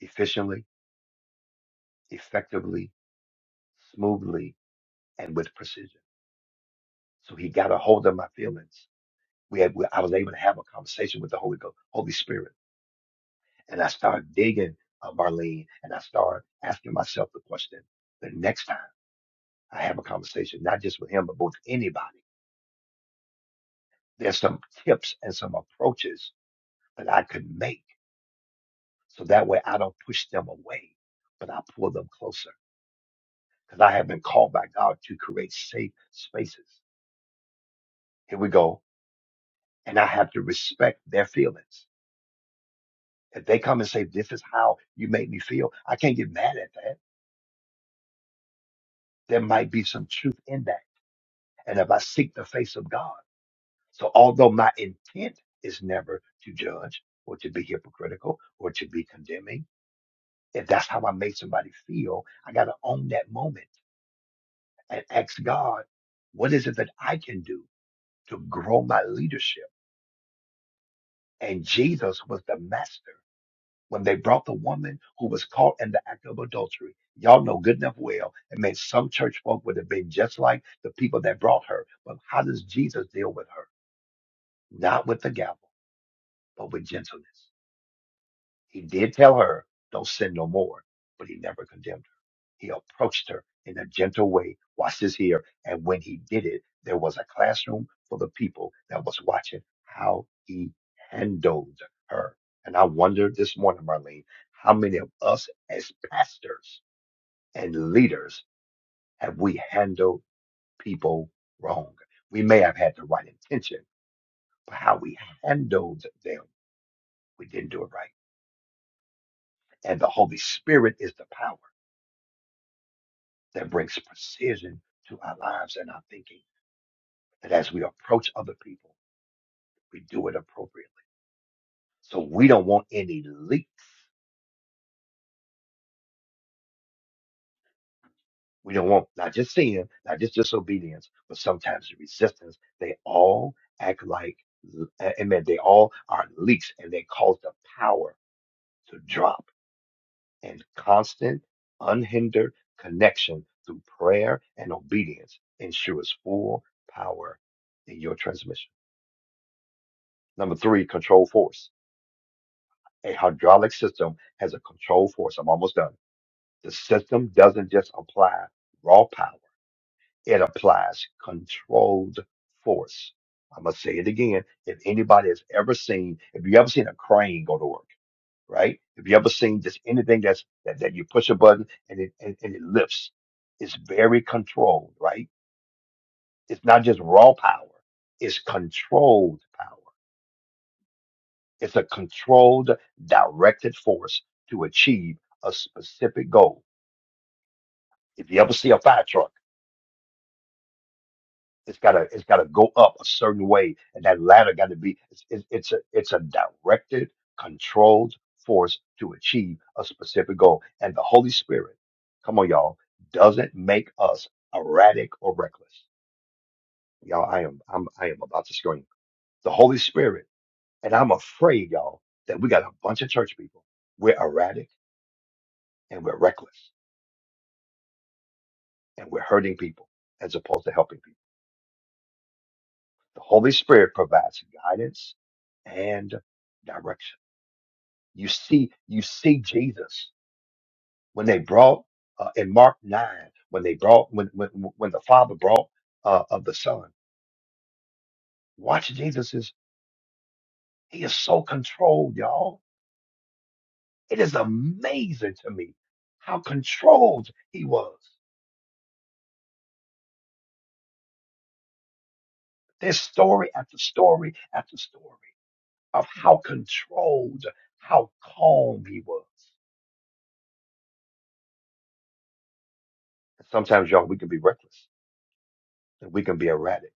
efficiently, effectively, smoothly, and with precision. So he got a hold of my feelings. We had, I was able to have a conversation with the Holy Ghost, Holy Spirit. And I started digging uh, Marlene and I started asking myself the question the next time I have a conversation, not just with him, but with anybody, there's some tips and some approaches that I could make So that way I don't push them away, but I pull them closer because I have been called by God to create safe spaces. Here we go. And I have to respect their feelings. If they come and say, this is how you made me feel, I can't get mad at that. There might be some truth in that. And if I seek the face of God, so although my intent is never to judge or to be hypocritical or to be condemning, if that's how I made somebody feel, I got to own that moment and ask God, what is it that I can do to grow my leadership? And Jesus was the master. When they brought the woman who was caught in the act of adultery, y'all know good enough well, it meant some church folk would have been just like the people that brought her. But how does Jesus deal with her? Not with the gavel, but with gentleness. He did tell her, don't sin no more, but he never condemned her. He approached her in a gentle way. Watch this here. And when he did it, there was a classroom for the people that was watching how he handled her. And I wonder this morning, Marlene, how many of us as pastors and leaders have we handled people wrong? We may have had the right intention, but how we handled them, we didn't do it right. And the Holy Spirit is the power that brings precision to our lives and our thinking. that as we approach other people, we do it appropriately. So we don't want any leaks. We don't want not just sin, not just disobedience, but sometimes resistance. They all act like, amen, they all are leaks and they cause the power to drop and constant, unhindered connection through prayer and obedience ensures full power in your transmission. Number three, control force. A hydraulic system has a control force. I'm almost done The system doesn't just apply raw power, it applies controlled force. I'm going to say it again. If anybody has ever seen, if you ever seen a crane go to work, right? If you ever seen just anything that's, that, that you push a button and it, and, and it lifts, it's very controlled, right? It's not just raw power. It's controlled power. It's a controlled, directed force to achieve a specific goal. If you ever see a fire truck, It's gotta it's gotta go up a certain way, and that ladder got to be it's, it's it's a it's a directed, controlled force to achieve a specific goal. And the Holy Spirit, come on, y'all, doesn't make us erratic or reckless. Y'all, I am I'm I am about to scream. The Holy Spirit, and I'm afraid, y'all, that we got a bunch of church people. We're erratic and we're reckless and we're hurting people as opposed to helping people. The Holy Spirit provides guidance and direction You see, you see Jesus when they brought uh, in Mark nine when they brought when when when the Father brought uh, of the Son. Watch Jesus is he is so controlled, y'all. It is amazing to me how controlled he was. There's story after story after story of how controlled, how calm he was. Sometimes, y'all, we can be reckless and we can be erratic,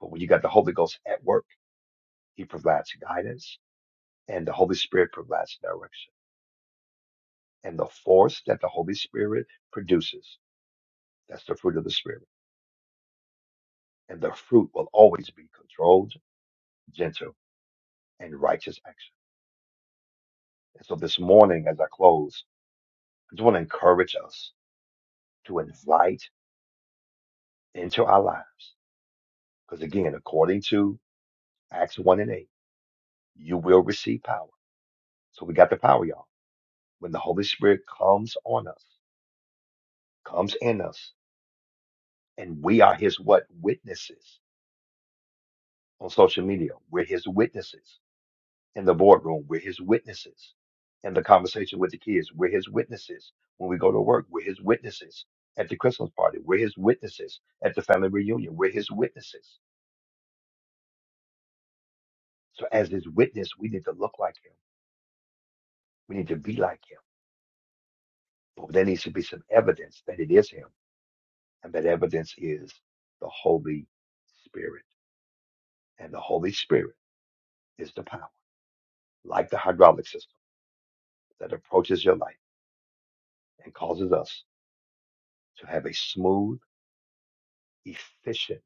but when you got the Holy Ghost at work, he provides guidance. and the Holy Spirit provides direction. And the force that the Holy Spirit produces, that's the fruit of the Spirit. And the fruit will always be controlled, gentle, and righteous action. And so this morning, as I close, I just want to encourage us to invite into our lives. Because again, according to Acts 1 and 8, you will receive power. So we got the power, y'all. When the Holy Spirit comes on us, comes in us, and we are his what? Witnesses on social media. We're his witnesses in the boardroom. We're his witnesses. In the conversation with the kids, we're his witnesses. When we go to work, we're his witnesses. At the Christmas party, we're his witnesses. At the family reunion, we're his witnesses. So as his witness, we need to look like him. We need to be like him. But there needs to be some evidence that it is him. And that evidence is the Holy Spirit. And the Holy Spirit is the power, like the hydraulic system that approaches your life and causes us to have a smooth, efficient,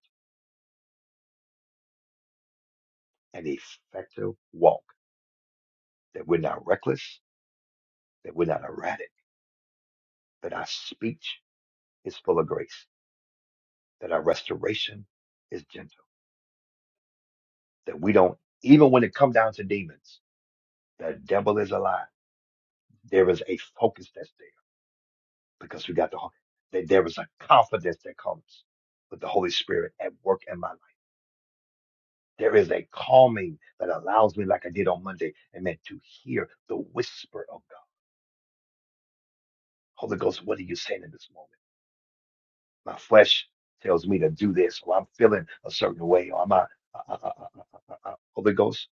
an effective walk, that we're not reckless, that we're not erratic, that our speech is full of grace, that our restoration is gentle, that we don't, even when it comes down to demons, the devil is alive. There is a focus that's there because we got the, ho- that there is a confidence that comes with the Holy Spirit at work in my life. There is a calming that allows me, like I did on Monday, and then to hear the whisper of God. Holy Ghost, what are you saying in this moment? My flesh tells me to do this, or I'm feeling a certain way, or I'm a, uh, uh, uh, uh, uh, uh, uh, uh. Holy Ghost,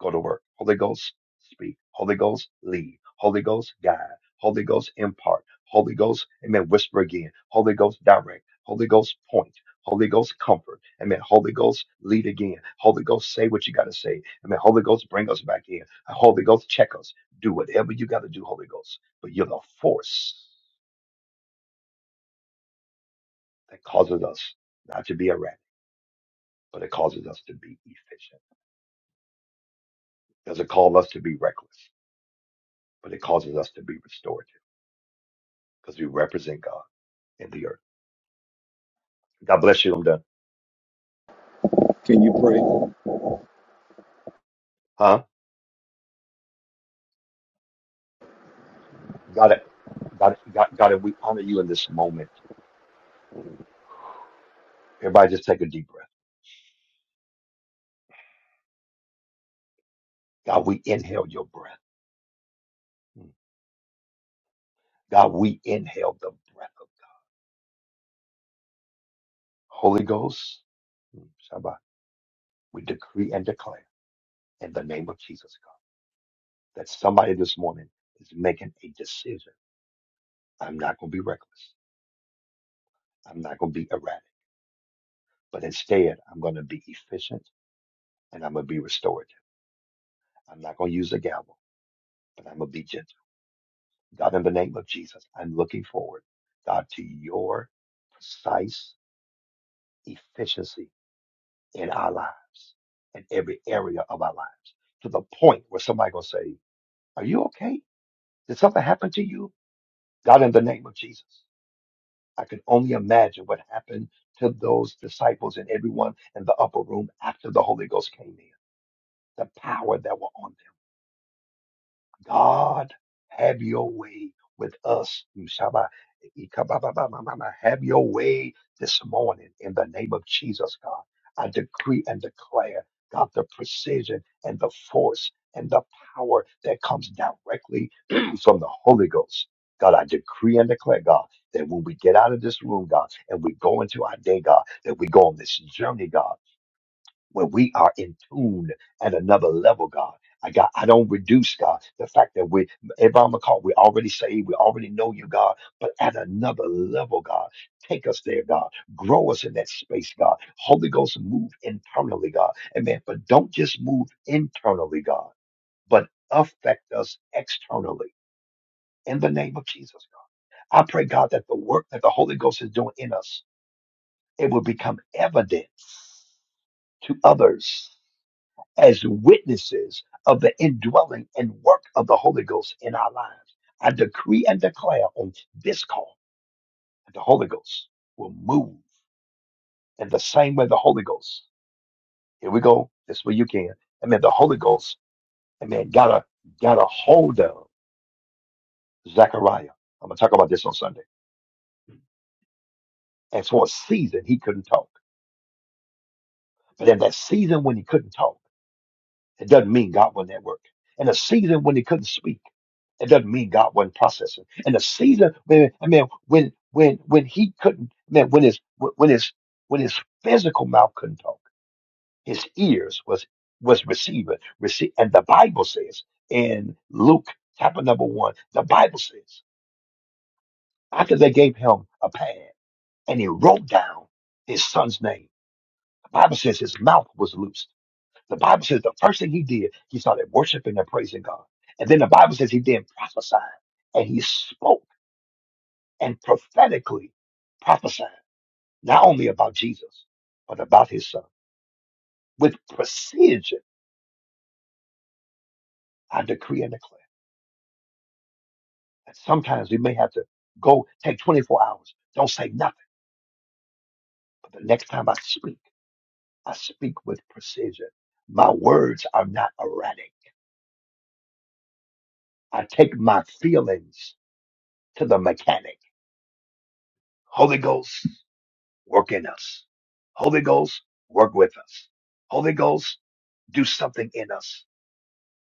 go to work. Holy Ghost, speak. Holy Ghost, lead. Holy Ghost, guide. Holy Ghost, impart. Holy Ghost, amen, whisper again. Holy Ghost, direct. Holy Ghost, point. Holy Ghost, comfort. Amen. Holy Ghost, lead again. Holy Ghost, say what you got to say. Amen. Holy Ghost, bring us back in. Uh, Holy Ghost, check us. Do whatever you got to do, Holy Ghost. But you're the force that causes us not to be erratic. but it causes us to be efficient. It Doesn't call us to be reckless, but it causes us to be restorative because we represent God in the earth. God bless you. I'm done. Can you pray? Huh? God, God, God, God, we honor you in this moment. Everybody just take a deep breath. God, we inhale your breath. Mm. God, we inhale the breath of Holy Ghost. Mm. Shabbat. We decree and declare in the name of Jesus, God, that somebody this morning is making a decision. I'm not going to be reckless. I'm not going to be erratic. But instead, I'm going to be efficient and I'm going to be restorative. I'm not going to use a gavel, but I'm going to be gentle. God, in the name of Jesus, I'm looking forward, God, to your precise efficiency in our lives, in every area of our lives, to the point where somebody going to say, Are you okay? Did something happen to you? God, in the name of Jesus, I can only imagine what happened to those disciples and everyone in the upper room after the Holy Ghost came in, the power that were on God, have your way with us. Shaba- Ikababababababa. Have your way this morning in the name of Jesus, God. I decree and declare, God, the precision and the force and the power that comes directly (clears throat) from the Holy Ghost. God, I decree and declare, God, that when we get out of this room, God, and we go into our day, God, that we go on this journey, God when we are in tune at another level, God. I got I don't reduce God the fact that we Abraham McCall, we already saved, we already know you, God, but at another level, God. Take us there, God. Grow us in that space, God. Holy Ghost, move internally, God. Amen. But don't just move internally, God, but affect us externally in the name of Jesus, God. I pray, God, that the work that the Holy Ghost is doing in us, it will become evident to others as witnesses of the indwelling and work of the Holy Ghost in our lives. I decree and declare on this call that the Holy Ghost will move in the same way the Holy Ghost. Here we go. This way you can. Amen. The Holy Ghost, amen, got a got a hold of Zechariah. I'm gonna talk about this on Sunday. And for a season he couldn't talk. But in that season when he couldn't talk, It doesn't mean God wasn't at work. In a season when he couldn't speak, it doesn't mean God wasn't processing. In a season, when, I mean, when when when he couldn't, man, when his when his when his physical mouth couldn't talk, his ears was was receiving, receive, and the Bible says in Luke chapter number one, the Bible says after they gave him a pad and he wrote down his son's name. The Bible says his mouth was loose. The Bible says the first thing he did, he started worshiping and praising God. And then the Bible says he then prophesied and he spoke and prophetically prophesied, not only about Jesus, but about his son. With precision, I decree and declare. And sometimes we may have to go take 24 hours. Don't say nothing. But the next time I speak, I speak with precision. My words are not erratic. I take my feelings to the mechanic. Holy Ghost. work in us. Holy Ghost, work with us. Holy Ghost, do something in us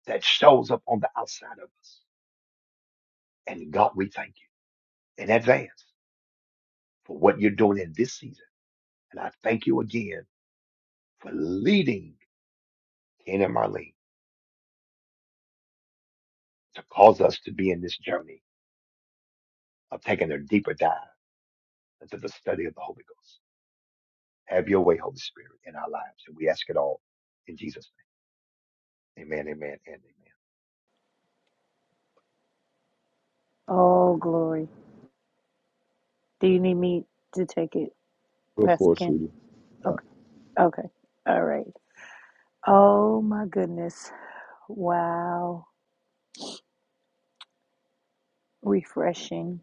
that shows up on the outside of us. And God, we thank you in advance for what you're doing in this season. And I thank you again for leading Ken and Marlene to cause us to be in this journey of taking a deeper dive into the study of the Holy Ghost. Have your way, Holy Spirit, in our lives. And we ask it all in Jesus' name. Amen, amen, and Oh, glory. Do you need me to take it, Go for Pastor it, Ken? sweetie. Okay. Okay. All right. Oh, my goodness. Wow. Refreshing.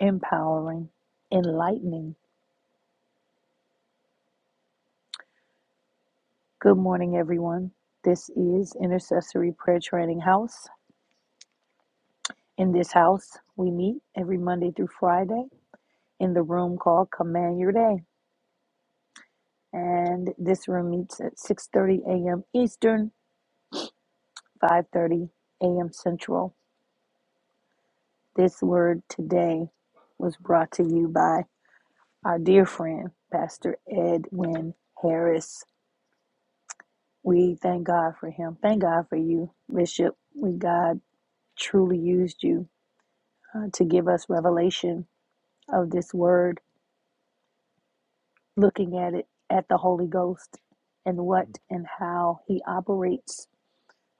empowering, enlightening. Good morning, everyone. This is Intercessory Prayer Training House. In this house, we meet every Monday through Friday in the room called Command Your Day. And this room meets at 6:30 a.m. Eastern, 5:30 a.m. Central. This word today was brought to you by our dear friend, Pastor Edwin Harris. We thank God for him. Thank God for you, Bishop. We God truly used you uh, to give us revelation of this word, looking at it at the Holy Ghost and what amen. and how he operates,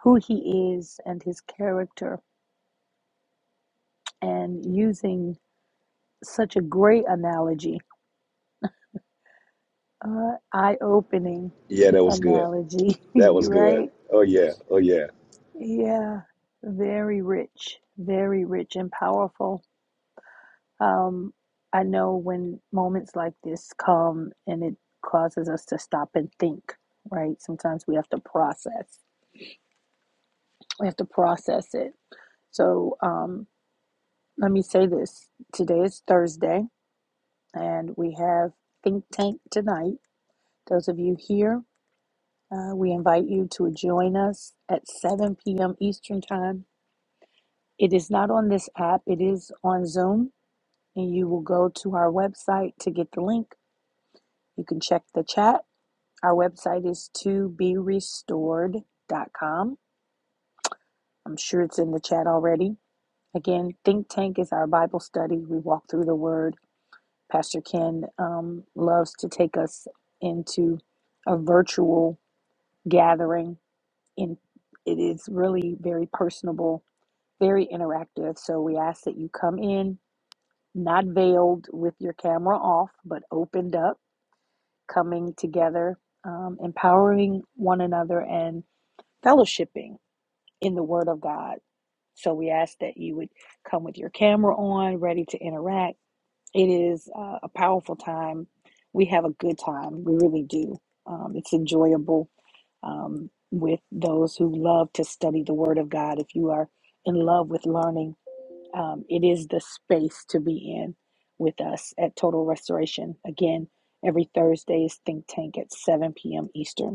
who he is, and his character, and using such a great analogy, uh, eye opening Yeah, that was good. analogy, (laughs) That was you good. right? Oh yeah. Oh yeah. Yeah, very rich, very rich and powerful Um, I know when moments like this come and it causes us to stop and think, right? Sometimes we have to process. We have to process it. So um, let me say this today is Thursday, and we have Think Tank tonight. Those of you here, uh, we invite you to join us at 7 p.m. Eastern Time. It is not on this app, it is on Zoom, and you will go to our website to get the link. You can check the chat Our website is to be restored dot com. I'm sure it's in the chat already. Again, Think Tank is our Bible study. We walk through the Word. Pastor Ken um, loves to take us into a virtual gathering. In it is really very personable, very interactive. So we ask that you come in, not veiled with your camera off, but opened up, coming together, um, empowering one another, and fellowshipping in the Word of God. So we ask that you would come with your camera on, ready to interact. It is uh, a powerful time. We have a good time. We really do. Um, it's enjoyable um, with those who love to study the Word of God. If you are in love with learning, um, it is the space to be in with us at Total Restoration. Again, every Thursday is Think Tank at 7 p.m. Eastern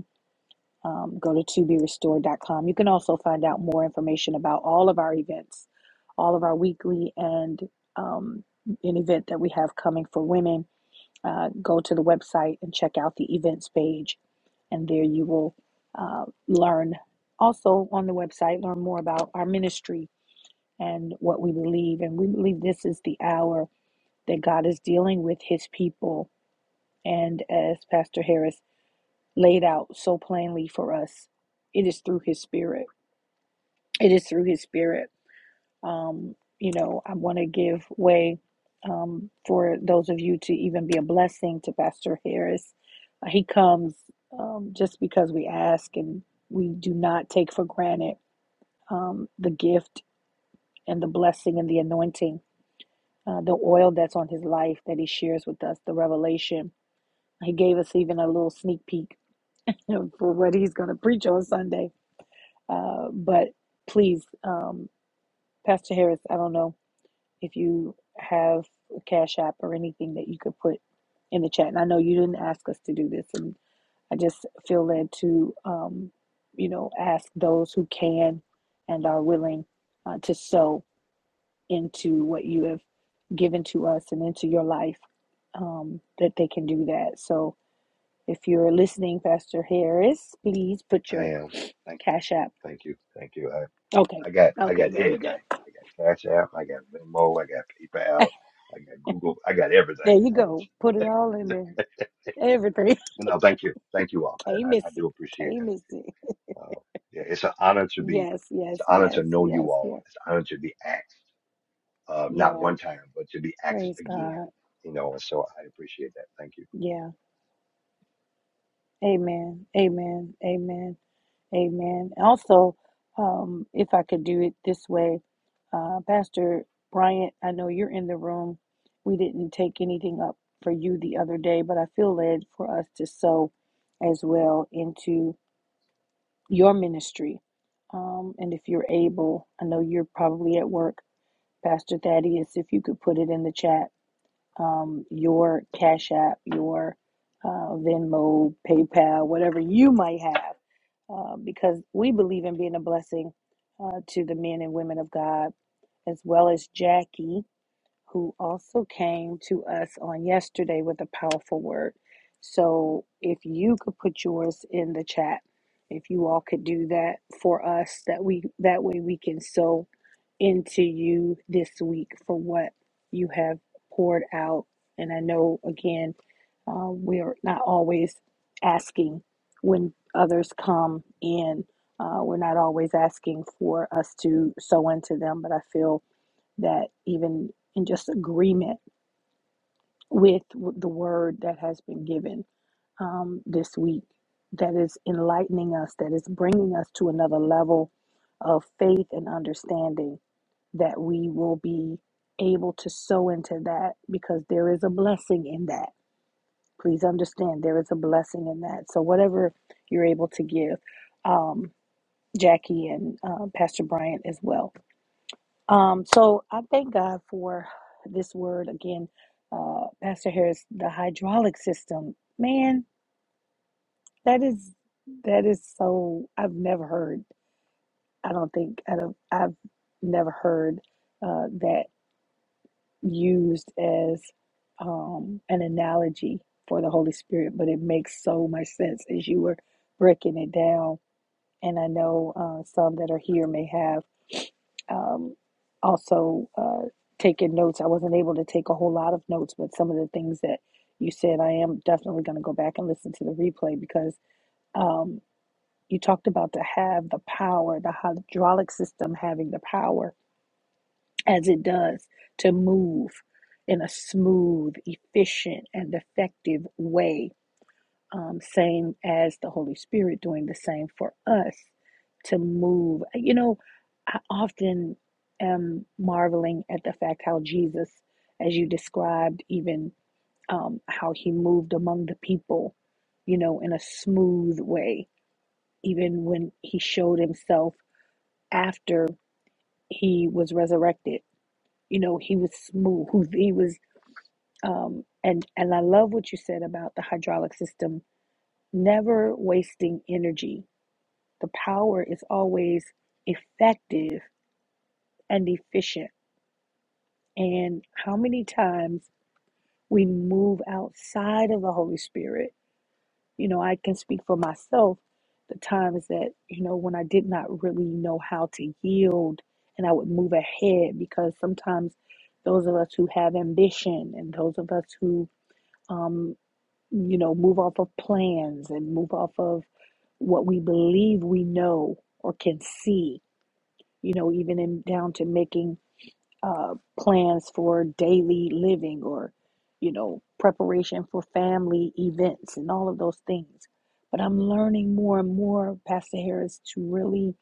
um, go to to be restored dot com. You can also find out more information about all of our events, all of our weekly and um, an event that we have coming for women. Uh, go to the website and check out the events page, and there you will uh, learn. Also on the website, learn more about our ministry and what we believe. And we believe this is the hour that God is dealing with His people. And as Pastor Harris laid out so plainly for us. It is through His Spirit. It is through His Spirit. Um, you know, I want to give way um, for those of you to even be a blessing to Pastor Harris. Uh, he comes um, just because we ask, and we do not take for granted um, the gift and the blessing and the anointing, uh, the oil that's on his life that he shares with us, the revelation. He gave us even a little sneak peek for what he's going to preach on Sunday Uh, but please, um, Pastor Harris, I don't know if you have a Cash App or anything that you could put in the chat. And I know you didn't ask us to do this, and I just feel led to, um, you know, ask those who can and are willing uh, to sow into what you have given to us and into your life um, that they can do that. So if you're listening, Pastor Harris, please put your I am. Thank you. Cash App. Thank you. Thank you. Okay. I got I Okay. got Very everything. good. I got Cash App, I got Venmo, I got PayPal, I got Google, I got There everything. you I go. ain't, Put it all in (laughs) there. but Everything. (laughs) no, thank you, thank you all. I, Can't I, miss I do it. appreciate Can't miss it. it. Uh, yeah, it's an honor to be. Yes, It's yes, an honor to yes, know yes, you all. yes, It's an honor to be asked, uh, not one yes. time, but to be asked Praise again. God. You know, and so I appreciate that. Thank you. Yeah. Amen. Amen. Amen. Amen. Also, um, if I could do it this way, uh, Pastor Bryant, I know you're in the room. We didn't take anything up for you the other day, but I feel led for us to sow as well into. your ministry. Um, and if you're able, I know you're probably at work, Pastor Thaddeus, if you could put it in the chat, um, your Cash App, your uh, Venmo, PayPal, whatever you might have, uh, because we believe in being a blessing uh, to the men and women of God, as well as Jackie who also came to us on yesterday with a powerful word. So if you could put yours in the chat, if you all could do that for us, that we that way we can sow into you this week for what you have poured out. And I know again, uh, we are not always asking when others come in. Uh, we're not always asking for us to sow into them, but I feel that even in just agreement with the word that has been given um, this week, that is enlightening us, that is bringing us to another level of faith and understanding, that we will be able to sow into that because there is a blessing in that. Please understand, there is a blessing in that. So, whatever you're able to give, um, Jackie and uh, Pastor Bryant as well. Um, so I thank God for this word again, uh, Pastor Harris, the hydraulic system. Man, that is that is so I've never heard. I don't think I don't, I've never heard uh, that used as um, an analogy for the Holy Spirit, but it makes so much sense as you were breaking it down. And I know uh, some that are here may have. um, also uh, taking notes. I wasn't able to take a whole lot of notes, but some of the things that you said, I am definitely going to go back and listen to the replay because um, you talked about to have the power, the hydraulic system having the power as it does to move in a smooth, efficient, and effective way um, same as the Holy Spirit doing the same for us to move. You know, I often am marveling at the fact how Jesus, as you described, even um, how he moved among the people, you know, in a smooth way, even when he showed himself after he was resurrected. You know, he was smooth. He was, um, and and I love what you said about the hydraulic system never wasting energy the power is always effective and efficient. And how many times we move outside of the Holy Spirit. You know, I can speak for myself the times that, you know, when I did not really know how to yield and I would move ahead because sometimes those of us who have ambition and those of us who, um, you know, move off of plans and move off of what we believe we know or can see you know, even in, down to making uh, plans for daily living or, you know, preparation for family events and all of those things. But I'm learning more and more, Pastor Harris, to really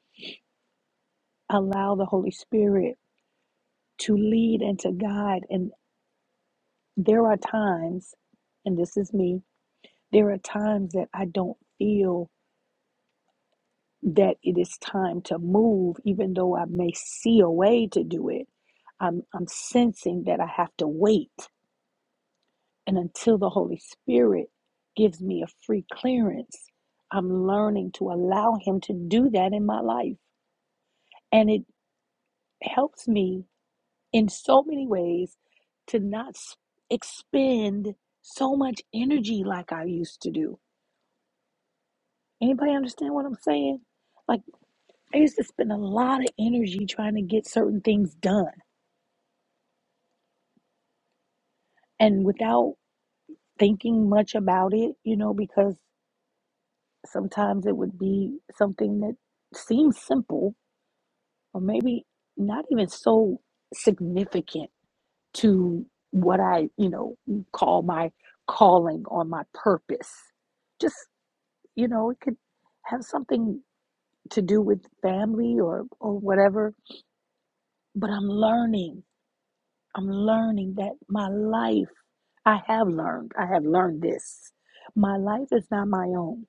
allow the Holy Spirit to lead and to guide. And there are times, and this is me, there are times that I don't feel that it is time to move, even though I may see a way to do it. I'm, I'm sensing that I have to wait And until the Holy Spirit gives me a free clearance, I'm learning to allow Him to do that in my life. And it helps me in so many ways to not expend so much energy like I used to do. Anybody understand what I'm saying? Like, I used to spend a lot of energy trying to get certain things done and without thinking much about it, you know, because sometimes it would be something that seems simple or maybe not even so significant to what I, you know, call my calling or my purpose. Just, you know, it could have something to do with family or or whatever, but I'm learning. I'm learning that my life I have learned. I have learned this. My life is not my own.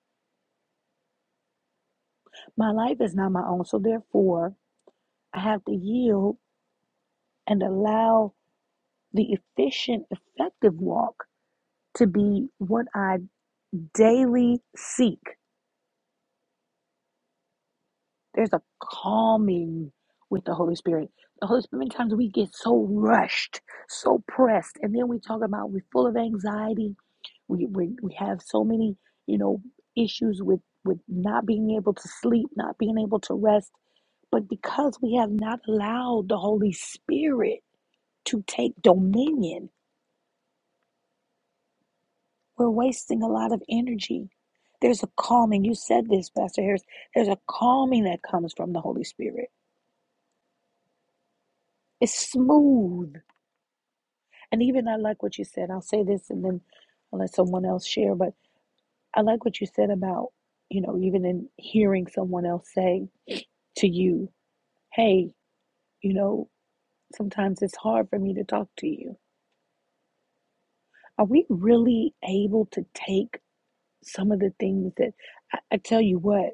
My life is not my own. So therefore, I have to yield and allow the efficient, effective walk to be what I daily seek. There's a calming with the Holy Spirit. The Holy Spirit, many times we get so rushed, so pressed, and then we talk about we're full of anxiety. We, we, we have so many, you know, issues with, with not being able to sleep, not being able to rest. But because we have not allowed the Holy Spirit to take dominion, We're wasting a lot of energy. There's a calming. You said this, Pastor Harris. There's a calming that comes from the Holy Spirit. It's smooth. And even I like what you said. I'll say this and then I'll let someone else share. But I like what you said about, you know, even in hearing someone else say to you, hey, you know, sometimes it's hard for me to talk to you. Are we really able to take some of the things that I, I tell you what,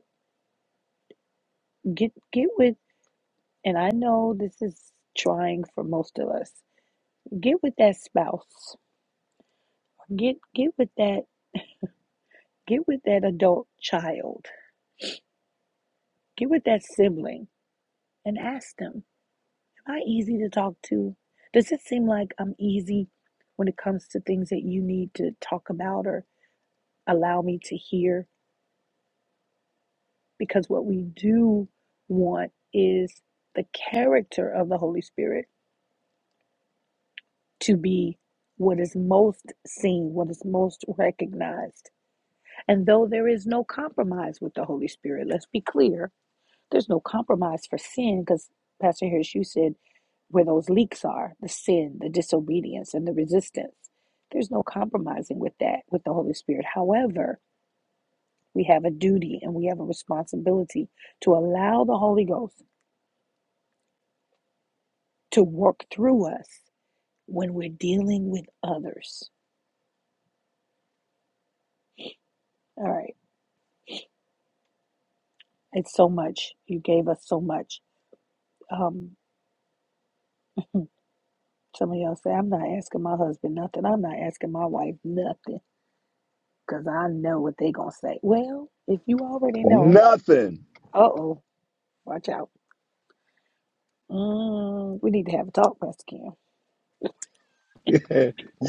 get get with And I know this is trying for most of us. Get with that spouse. Get get with that get with that adult child. Get with that sibling and ask them, am I easy to talk to? Does it seem like I'm easy when it comes to things that you need to talk about or allow me to hear? Because what we do want is the character of the Holy Spirit to be what is most seen, what is most recognized And though there is no compromise with the Holy Spirit, let's be clear, there's no compromise for sin because Pastor Harris, you said where those leaks are the sin, the disobedience, and the resistance. There's no compromising with that with the Holy Spirit. However, we have a duty and we have a responsibility to allow the Holy Ghost to work through us when we're dealing with others. All right, it's so much. You gave us so much. Um, Some of y'all say, I'm not asking my husband nothing. I'm not asking my wife nothing because I know what they going to say. Well, if you already know, Nothing. uh-oh, watch out. Mm, we need to have a talk, Pastor Kim. (laughs) you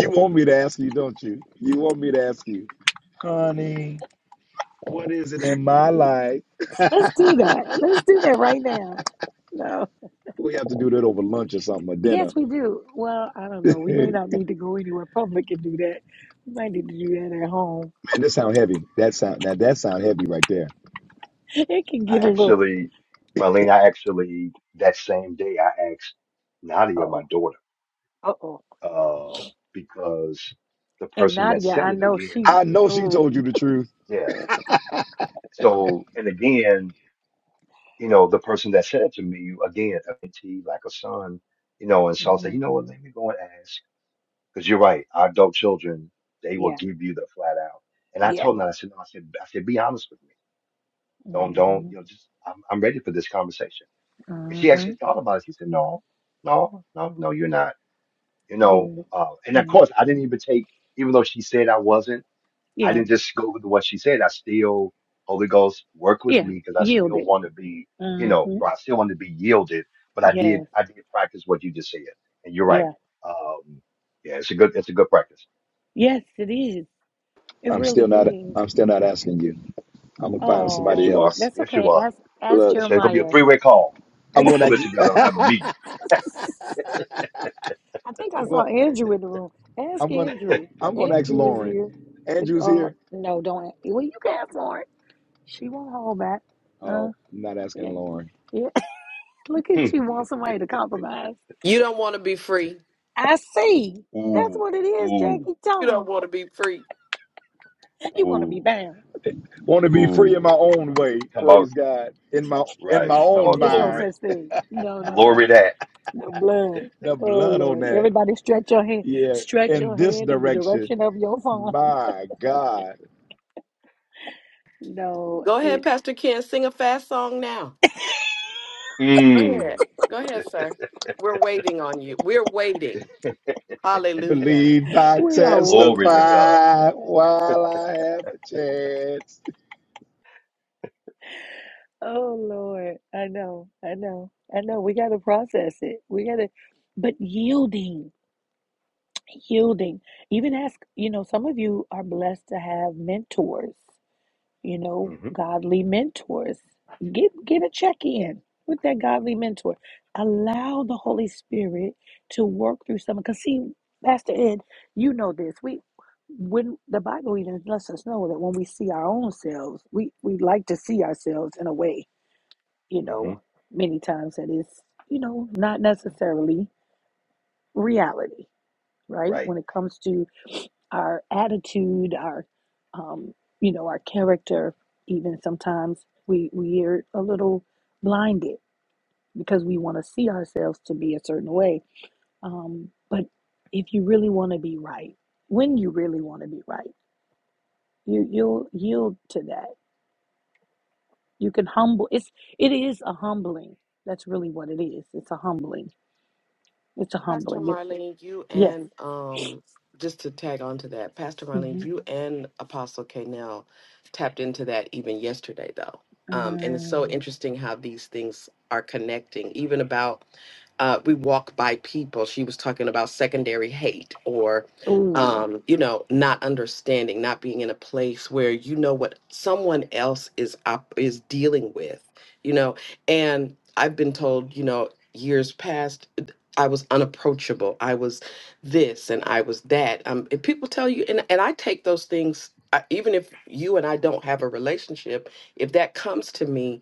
want me to ask you, don't you? You want me to ask you. Right? Let's do that. Let's do that right now. No. We have to do that over lunch or something or Yes, dinner. we do. Well, I don't know. We may (laughs) not need to go anywhere public and do that. We might need to do that at home. Man, that sound heavy. That sound now that sound heavy right there. (laughs) It can I get a little, actually, Marlene, I actually that same day I asked Nadia, my uh-oh, daughter, uh-oh. um, because the And person that Nadia, said I it know again. she, I know she told you oh, the truth. Yeah. So, and again, you know, the person that said it to me, again, a mentee, like a son, you know, and so I said, you know what, hmm let me go and ask. Because you're right, our adult children, they will yeah, give you the flat out. And I yeah. told her, I said, no, I said, I said, be honest with me. Don't, don't, hmm you know, just, I'm, I'm ready for this conversation. And she actually thought about it. She said, no, no, no, no, you're not, you know. Good. Uh, and of hmm course, I didn't even take, even though she said I wasn't. I Yeah. didn't just go with what she said. I still, Holy Ghost, work with Yeah. me because I Yield still it. want to be, you know, Mm-hmm. I still want to be yielded. But I did, Yes. I did practice what you just said, and you're right. Yeah. Um, yeah, it's a good, it's a good practice. Yes, it is. It I'm really still not. is. I'm still not asking you. I'm gonna find Yes, somebody you Oh, are. else. that's Yes, you okay. are. Ask ask Look, It's, it's gonna be a Jeremiah. three (laughs) way call. I'm I'm gonna gonna pull it together and have ask. a (laughs) meeting. I think I I'm saw going. Andrew in the room. Ask I'm gonna. Andrew. I'm gonna ask Andrew is here. Lauren. And, Andrew's Uh, here. no, don't. Well, you can ask for it. She won't hold back. Uh, Oh, I'm not asking yeah, Lauren. yeah. (laughs) Look at Hmm. you want somebody to compromise. You don't want to be free. I see. That's Ooh, what it is, ooh, Jackie. You don't Tell want to be free. him (laughs) you want to be ooh, bound. Want to be free in ooh. my own way. Come on, Praise God. In my in right? my Come own on, There's no glory, mind. such thing. No, no, no. glory that. No blood. The Oh blood on Lord. that. Everybody stretch your hand Yeah. stretch In your this hand in the direction. direction of your phone. (laughs) My God. No. Go ahead, It, Pastor Ken. Sing a fast song now. Go Mm, ahead. Go ahead, sir. We're waiting on you. We're waiting. Hallelujah. Believe I we are glory waiting to on God. you. testify while I have a chance. Oh Lord. I know. I know. I know. We gotta process it. We gotta but yielding. Yielding. Even ask, you know, some of you are blessed to have mentors. you know, hmm godly mentors. Get get a check in with that godly mentor. Allow the Holy Spirit to work through someone. Cause see, Pastor Ed, you know this. We when the Bible even lets us know that when we see our own selves, we we like to see ourselves in a way, you hmm know, many times that is, you know, not necessarily reality, right? Right. When it comes to our attitude, our, um, you know, our character. Even sometimes we we are a little blinded because we want to see ourselves to be a certain way. Um, but if you really want to be right, when you really want to be right, you you'll yield to that. You can humble. It's it is a humbling. That's really what it is. It's a humbling. It's a Pastor humbling. It's Marlene, you yes. and um, just to tag on to that, Pastor hmm Marlene, you and Apostle K now tapped into that even yesterday, though. Um, and it's so Um, interesting how these things are connecting, even about uh, we walk by people. She was talking about secondary hate or, ooh, um, you know, not understanding, not being in a place where you know what someone else is up is dealing with, you know. And I've been told, you know, years past. I was unapproachable. I was this and I was that. Um, and people tell you, and, and I take those things, I, even if you and I don't have a relationship, if that comes to me,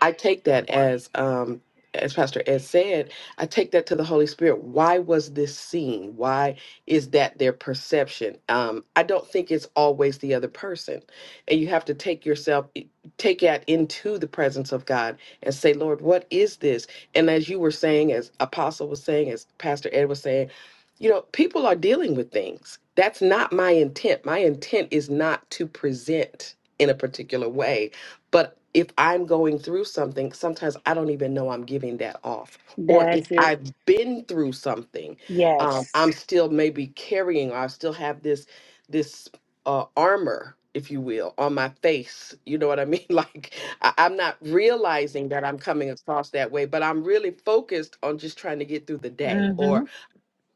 I take that as um as Pastor Ed said, I take that to the Holy Spirit. Why was this seen? Why is that their perception? Um, I don't think it's always the other person. And you have to take yourself, eh, take that into the presence of God and say, Lord, what is this? And as you were saying, as Apostle was saying, as Pastor Ed was saying, you know, people are dealing with things. That's not my intent. My intent is not to present in a particular way but if I'm going through something, sometimes I don't even know I'm giving that off. Or that's if it. I've been through something, um, Yes. I'm still maybe carrying, or I still have this this uh, armor, if you will, on my face. You know what I mean? (laughs) Like I, I'm not realizing that I'm coming across that way, but I'm really focused on just trying to get through the day Mm-hmm. or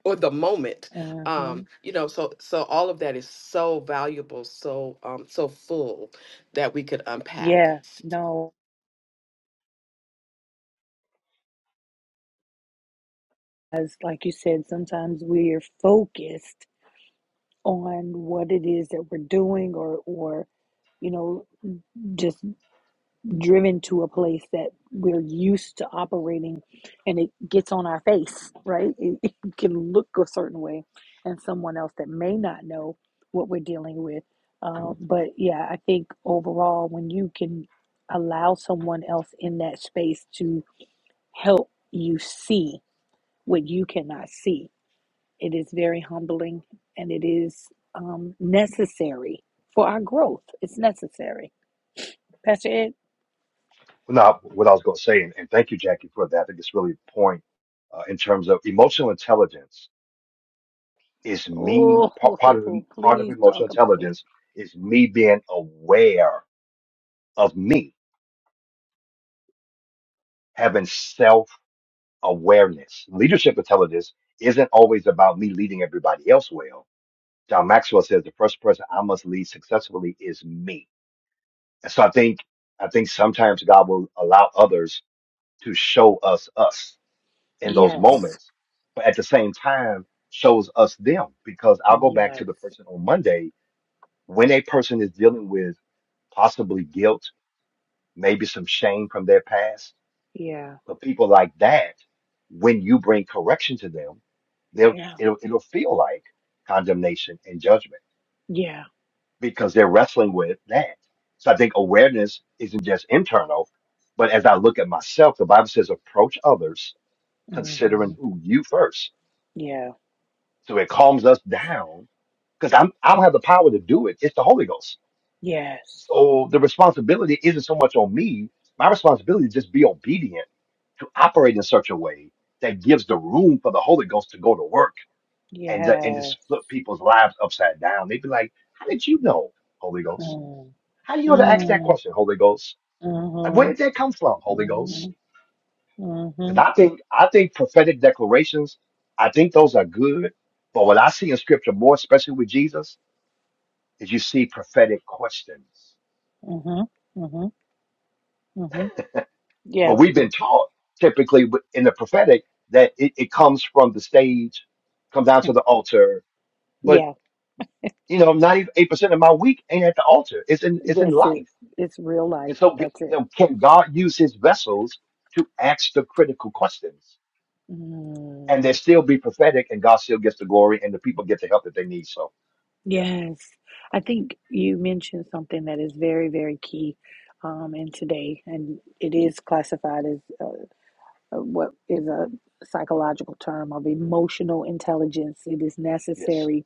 or the moment. Mm-hmm. Um, you know, so so all of that is so valuable, so um, so full that we could unpack. Yeah, no, as like you said, sometimes we're focused on what it is that we're doing or or you know, just driven to a place that we're used to operating and it gets on our face, right? It, (laughs) it can look a certain way and someone else that may not know what we're dealing with. Uh, but yeah, I think overall when you can allow someone else in that space to help you see what you cannot see. It is very humbling and it is um, necessary for our growth. It's necessary. Pastor Ed, No, what I was going to say, and, and thank you, Jackie, for that. I think it's really the point uh, in terms of emotional intelligence is me part, part of oh, (laughs) part of please emotional talk about it. intelligence is me being aware of me, having self awareness. Leadership intelligence isn't always about me leading everybody else well. John Maxwell says the first person I must lead successfully is me. And so I think I think sometimes God will allow others to show us us in those Yes, moments, but at the same time shows us them because I'll go back to yes, the person on Monday when a person is dealing with possibly guilt, maybe some shame from their past, yeah, but people like that, when you bring correction to them, they'll yeah, it'll, it'll feel like condemnation and judgment yeah, because they're wrestling with that. So I think awareness isn't just internal, but as I look at myself, the Bible says approach others considering hmm who you first. yeah, So it calms us down because I'm I don't have the power to do it. It's the Holy Ghost. yes, So the responsibility isn't so much on me. My responsibility is just be obedient to operate in such a way that gives the room for the Holy Ghost to go to work and to- and yes. just flip people's lives upside down. They'd be like, "How did you know, Holy Ghost? Mm, How do you know to ask that mm, question, Holy Ghost? Like, where mm-hmm, did that come from, Holy mm-hmm, Ghost?" Because mm-hmm, I think I think prophetic declarations, I think those are good. But what I see in Scripture more, especially with Jesus, is you see prophetic questions. mm-hmm, mm-hmm. Mm-hmm. But Yeah, we've been taught typically in the prophetic that it, it comes from the stage, come down to the altar. But yeah, you know, ninety eight percent of my week ain't at the altar. It's in it's in that's it. life. It's real life. And so, That's you it. know, can God use His vessels to ask the critical questions, and Mm, they still be prophetic, and God still gets the glory, and the people get the help that they need? So, yeah, yes, I think you mentioned something that is very, very key um, in today, and it is classified as uh, uh, what is a psychological term of emotional intelligence. It is yes, necessary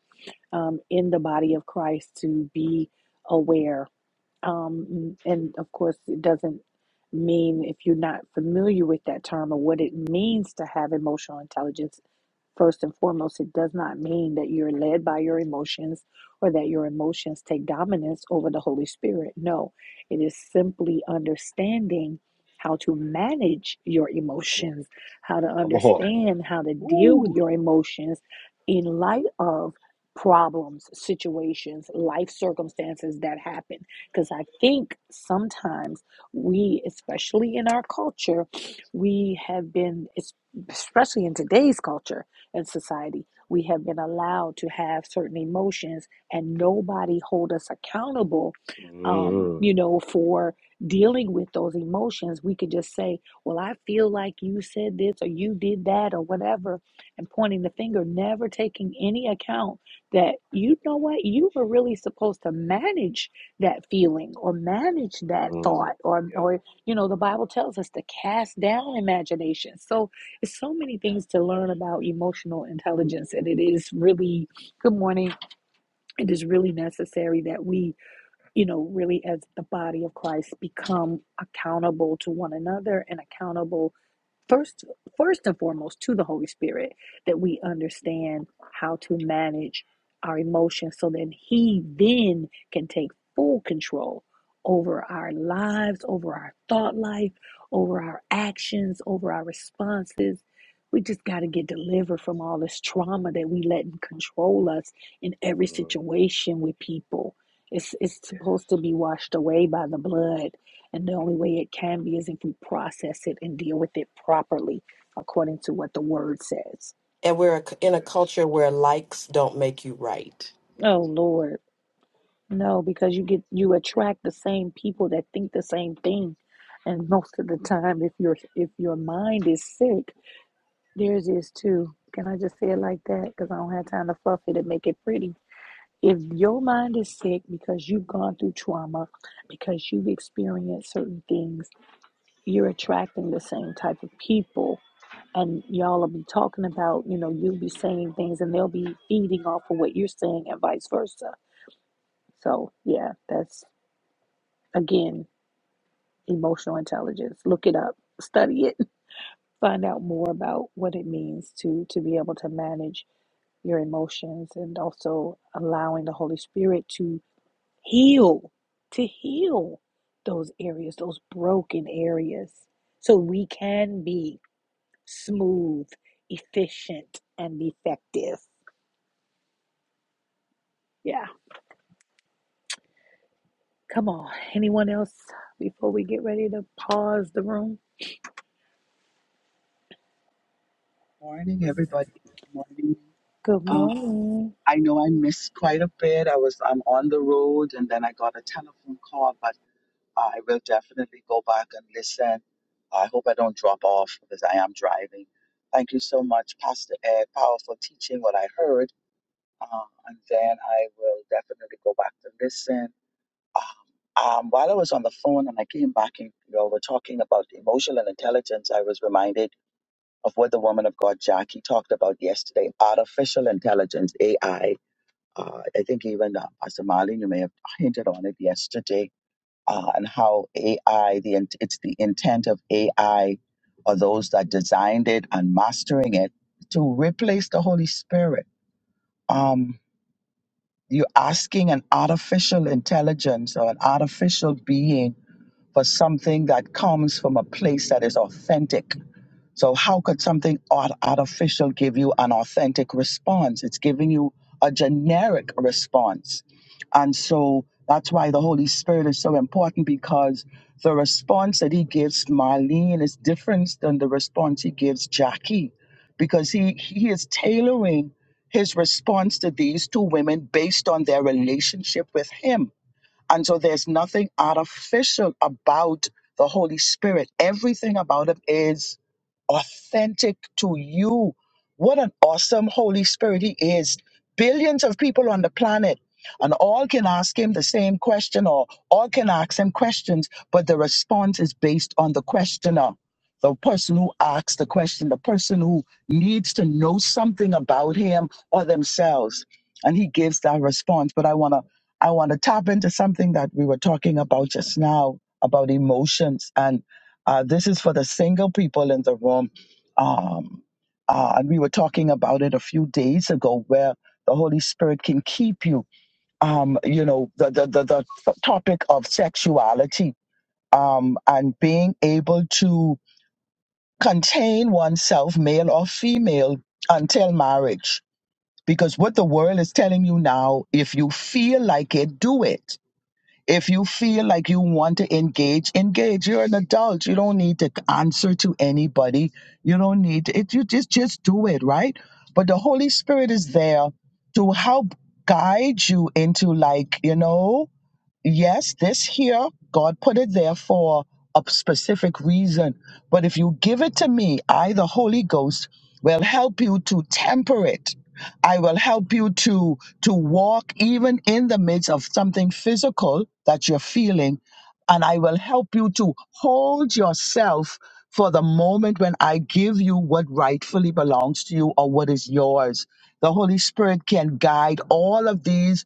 um, in the body of Christ to be aware Um, and of course, it doesn't mean if you're not familiar with that term or what it means to have emotional intelligence, first and foremost, it does not mean that you're led by your emotions or that your emotions take dominance over the Holy Spirit. No, it is simply understanding how to manage your come on, emotions, how to come on, understand how to deal with Woo. your emotions in light of problems, situations, life circumstances that happen. Because I think sometimes we, especially in our culture, we have been, especially in today's culture and society, we have been allowed to have certain emotions and nobody hold us accountable, um, Mm, you know, for dealing with those emotions. We could just say, well, I feel like you said this or you did that or whatever, and pointing the finger, never taking any account that you know what you were really supposed to manage that feeling or manage that mm, thought or yep, or you know the bible tells us to cast down imagination so it's so many things to learn about emotional intelligence and it is really good morning it is really necessary that we you know really as the body of christ become accountable to one another and accountable first first and foremost to the holy spirit that we understand how to manage our emotions so that he then can take full control over our lives over our thought life over our actions over our responses we just got to get delivered from all this trauma that we let control us in every mm, situation with people it's, it's yes. supposed to be washed away by the blood and the only way it can be is if we process it and deal with it properly according to what the word says. and we're a c- in a Yes. culture where likes don't make you right Oh Lord. No, because you get you attract the same people that think the same thing. And (laughs) most of the time if your if your mind is sick, theirs is too. Can I just say it like that? Because I don't have time to fluff it and make it pretty. If your mind is sick because you've gone through trauma, because you've experienced certain things you're attracting the same type of people and y'all will be talking about you know you'll be saying things and they'll be feeding off of what you're saying and vice versa so yeah that's again emotional intelligence look it up study it (laughs) find out more about what it means to to be able to manage your emotions and also allowing the holy spirit to heal to heal those areas those broken areas so we can be smooth, efficient, and effective. Yeah. Come on. Anyone else before we get ready to pause the room? Morning, everybody. Good morning. Good Um, morning. I know I missed quite a bit. I was I'm on the road, and then I got a telephone call. But I will definitely go back and listen. I hope I don't drop off because I am driving. Thank you so much, Pastor Ed. Powerful teaching. What I heard, uh, and then I will definitely go back to listen. Um, um, while I was on the phone and I came back and you know, we're talking about emotional intelligence, I was reminded of what the woman of God Jackie talked about yesterday, artificial intelligence (AI). Uh, I think even uh, Pastor Marlene, you may have hinted on it yesterday, uh, and how AI, the int- it's the intent of AI, or those that designed it and mastering it, to replace the Holy Spirit. Um, you're asking an artificial intelligence or an artificial being for something that comes from a place that is authentic so, how could something art- artificial give you an authentic response? It's giving you a generic response. And so that's why the Holy Spirit is so important because the response that he gives Marlene is different than the response he gives Jackie because he, he is tailoring his response to these two women based on their relationship with him and so there's nothing artificial about the Holy Spirit. Everything about him is authentic to you. What an awesome Holy Spirit he is. Billions of people on the planet, and all can ask him the same question, or all can ask him questions, but the response is based on the questioner, the person who asks the question, the person who needs to know something about him or themselves. And he gives that response. But I want to I want to tap into something that we were talking about just now about emotions. And uh, this is for the single people in the room. Um, uh, and we were talking about it a few days ago where the Holy Spirit can keep you. Um, you know, the, the, the, the topic of sexuality um, and being able to contain oneself, male or female, until marriage. Because what the world is telling you now, if you feel like it, do it if you feel like you want to engage, engage. You're an adult. You don't need to answer to anybody. You don't need to, it. You just just do it, right? But the Holy Spirit is there to help guide you into like you know yes, this here, God put it there for a specific reason. But if you give it to me, I, the Holy Ghost, will help you to temper it. I will help you to to walk even in the midst of something physical that you're feeling, and I will help you to hold yourself for the moment when I give you what rightfully belongs to you or what is yours. The Holy Spirit can guide all of these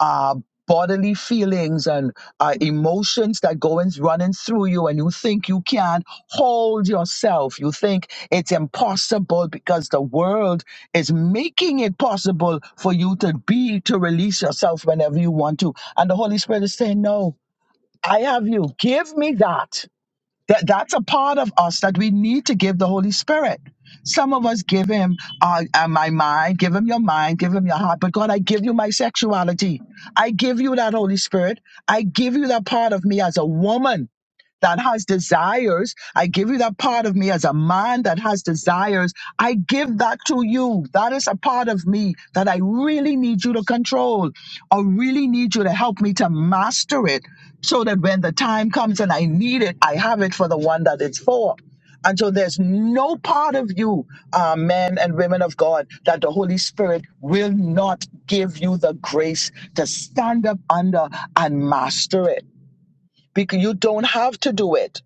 uh, bodily feelings and uh, emotions that go in, running through you and you think you can't hold yourself you think it's impossible because the world is making it possible for you to be to release yourself whenever you want to and the holy spirit is saying no i have you give me that that that's a part of us that we need to give the Holy Spirit. Some of us give him uh, uh, my mind, give him your mind, give him your heart. But God, I give you my sexuality. I give you that Holy Spirit. I give you that part of me as a woman that has desires. I give you that part of me as a man that has desires. I give that to you. That is a part of me that I really need you to control or really need you to help me to master it so that when the time comes and I need it, I have it for the one that it's for. And so there's no part of you, uh, men and women of God, that the Holy Spirit will not give you the grace to stand up under and master it because you don't have to do it.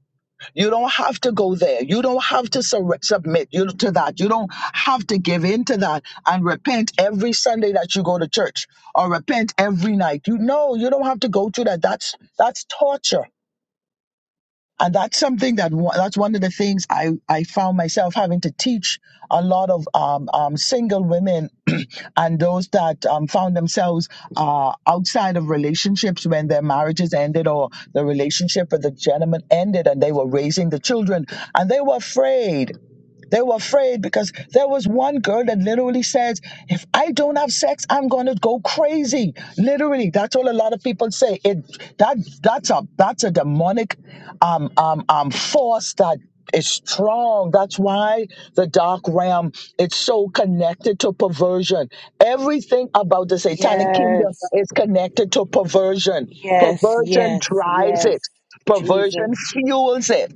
You don't have to go there. You don't have to sur- submit you to that. You don't have to give in to that and repent every Sunday that you go to church or repent every night. You know, you don't have to go through that. That's that's torture and that's something that wa- that's one of the things I I found myself having to teach a lot of um, um, single women (clears throat) and those that um, found themselves uh, outside of relationships when their marriages ended or the relationship with the gentleman ended and they were raising the children and they were afraid they were afraid because there was one girl that literally says, if I don't have sex, I'm gonna go crazy. Literally, that's all a lot of people say. It that that's a that's a demonic um um um force that is strong. That's why the dark realm it's so connected to perversion. Everything about the satanic kingdom Yes. is connected to perversion. Yes. Perversion Yes. drives it. Yes. Jesus. Perversion fuels it.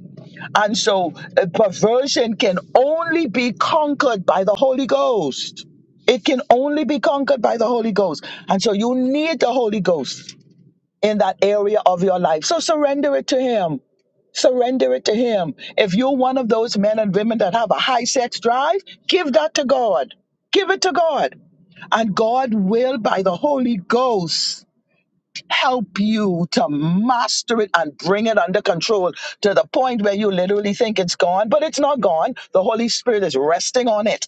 And so a perversion can only be conquered by the Holy Ghost. It can only be conquered by the Holy Ghost. And so you need the Holy Ghost in that area of your life. So surrender it to Him. Surrender it to Him. If you're one of those men and women that have a high sex drive, give that to God. Give it to God. And God will, by the Holy Ghost, help you to master it and bring it under control to the point where you literally think it's gone, but it's not gone. The Holy Spirit is resting on it.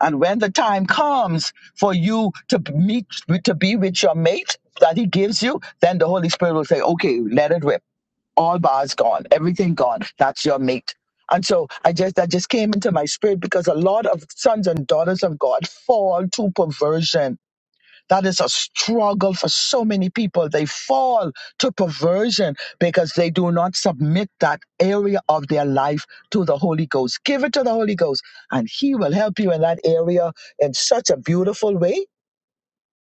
And when the time comes for you to meet, to be with your mate that he gives you, then the Holy Spirit will say, okay, let it rip. All bars gone, everything gone. That's your mate. And so I just, that just came into my spirit because a lot of sons and daughters of God fall to perversion that is a struggle for so many people. They fall to perversion because they do not submit that area of their life to the Holy Ghost. Give it to the Holy Ghost, and He will help you in that area in such a beautiful way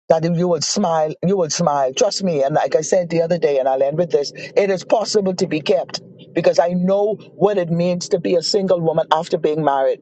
that if you would smile, you would smile. Trust me. And like I said the other day, and I'll end with this it is possible to be kept because I know what it means to be a single woman after being married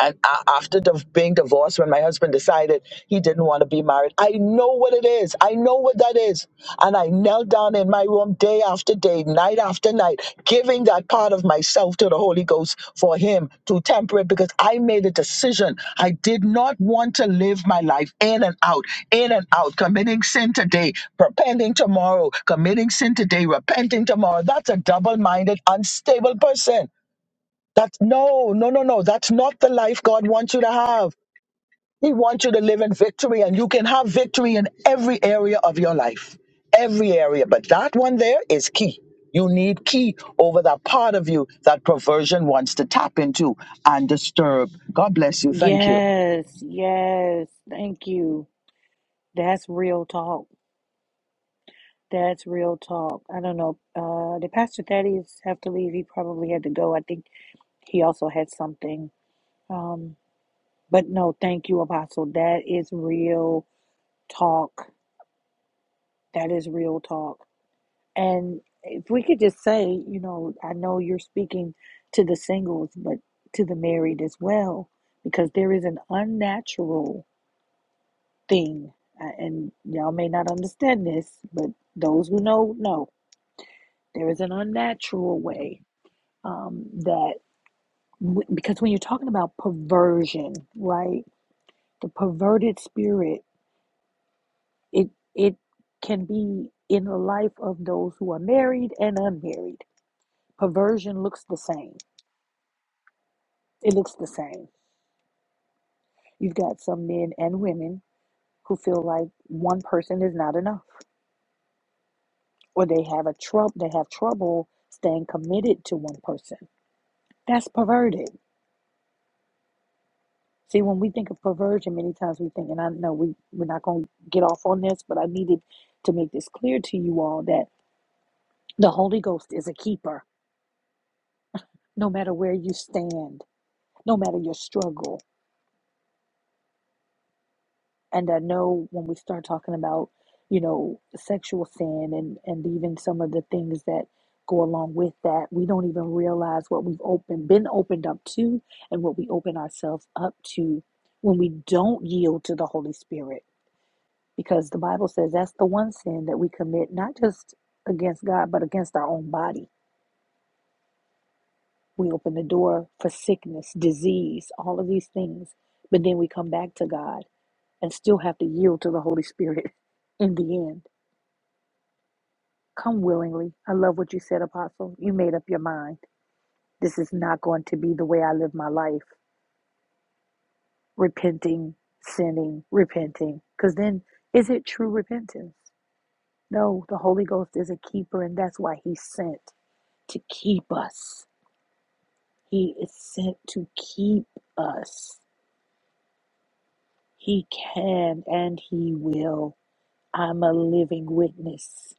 and a- after div- being divorced when my husband decided he didn't want to be married i know what it is i know what that is and i knelt down in my room day after day night after night giving that part of myself to the holy ghost for him to temper it because i made a decision i did not want to live my life in and out in and out committing sin today repenting tomorrow committing sin today repenting tomorrow that's a double-minded unstable person that's no, no, no, no. That's not the life God wants you to have. He wants you to live in victory, and you can have victory in every area of your life, every area. But that one there is key. You need key over that part of you that perversion wants to tap into and disturb. God bless you. Thank you. Yes. Yes. Thank you. That's real talk. That's real talk. I don't know. Uh, did Pastor Thaddeus have to leave? He probably had to go. I think he also had something. Um, but no, thank you, Apostle. That is real talk. That is real talk. And if we could just say, you know, I know you're speaking to the singles, but to the married as well, because there is an unnatural thing. uh, And y'all may not understand this, but those who know, know. There is an unnatural way um, that, w- because when you're talking about perversion, right? The perverted spirit, it, it can be in the life of those who are married and unmarried Perversion looks the same. It looks the same. You've got some men and women who feel like one person is not enough, or they have a trouble. They have trouble staying committed to one person. That's perverted. See, when we think of perversion, many times we think, and I know we we're not going to get off on this, but I needed to make this clear to you all that the Holy Ghost is a keeper. No matter where you stand, no matter your struggle, And I know when we start talking about, you know, sexual sin and, and even some of the things that go along with that, we don't even realize what we've opened, been opened up to and what we open ourselves up to when we don't yield to the Holy Spirit. Because the Bible says that's the one sin that we commit, not just against God, but against our own body. We open the door for sickness, disease, all of these things. But then we come back to God and still have to yield to the Holy Spirit (laughs) in the end Come willingly. I love what you said, Apostle. You made up your mind. This is not going to be the way I live my life. Repenting, sinning, repenting. Because then, is it true repentance? No, the Holy Ghost is a keeper, and that's why He's sent to keep us. He is sent to keep us. He can and He will. I'm a living witness.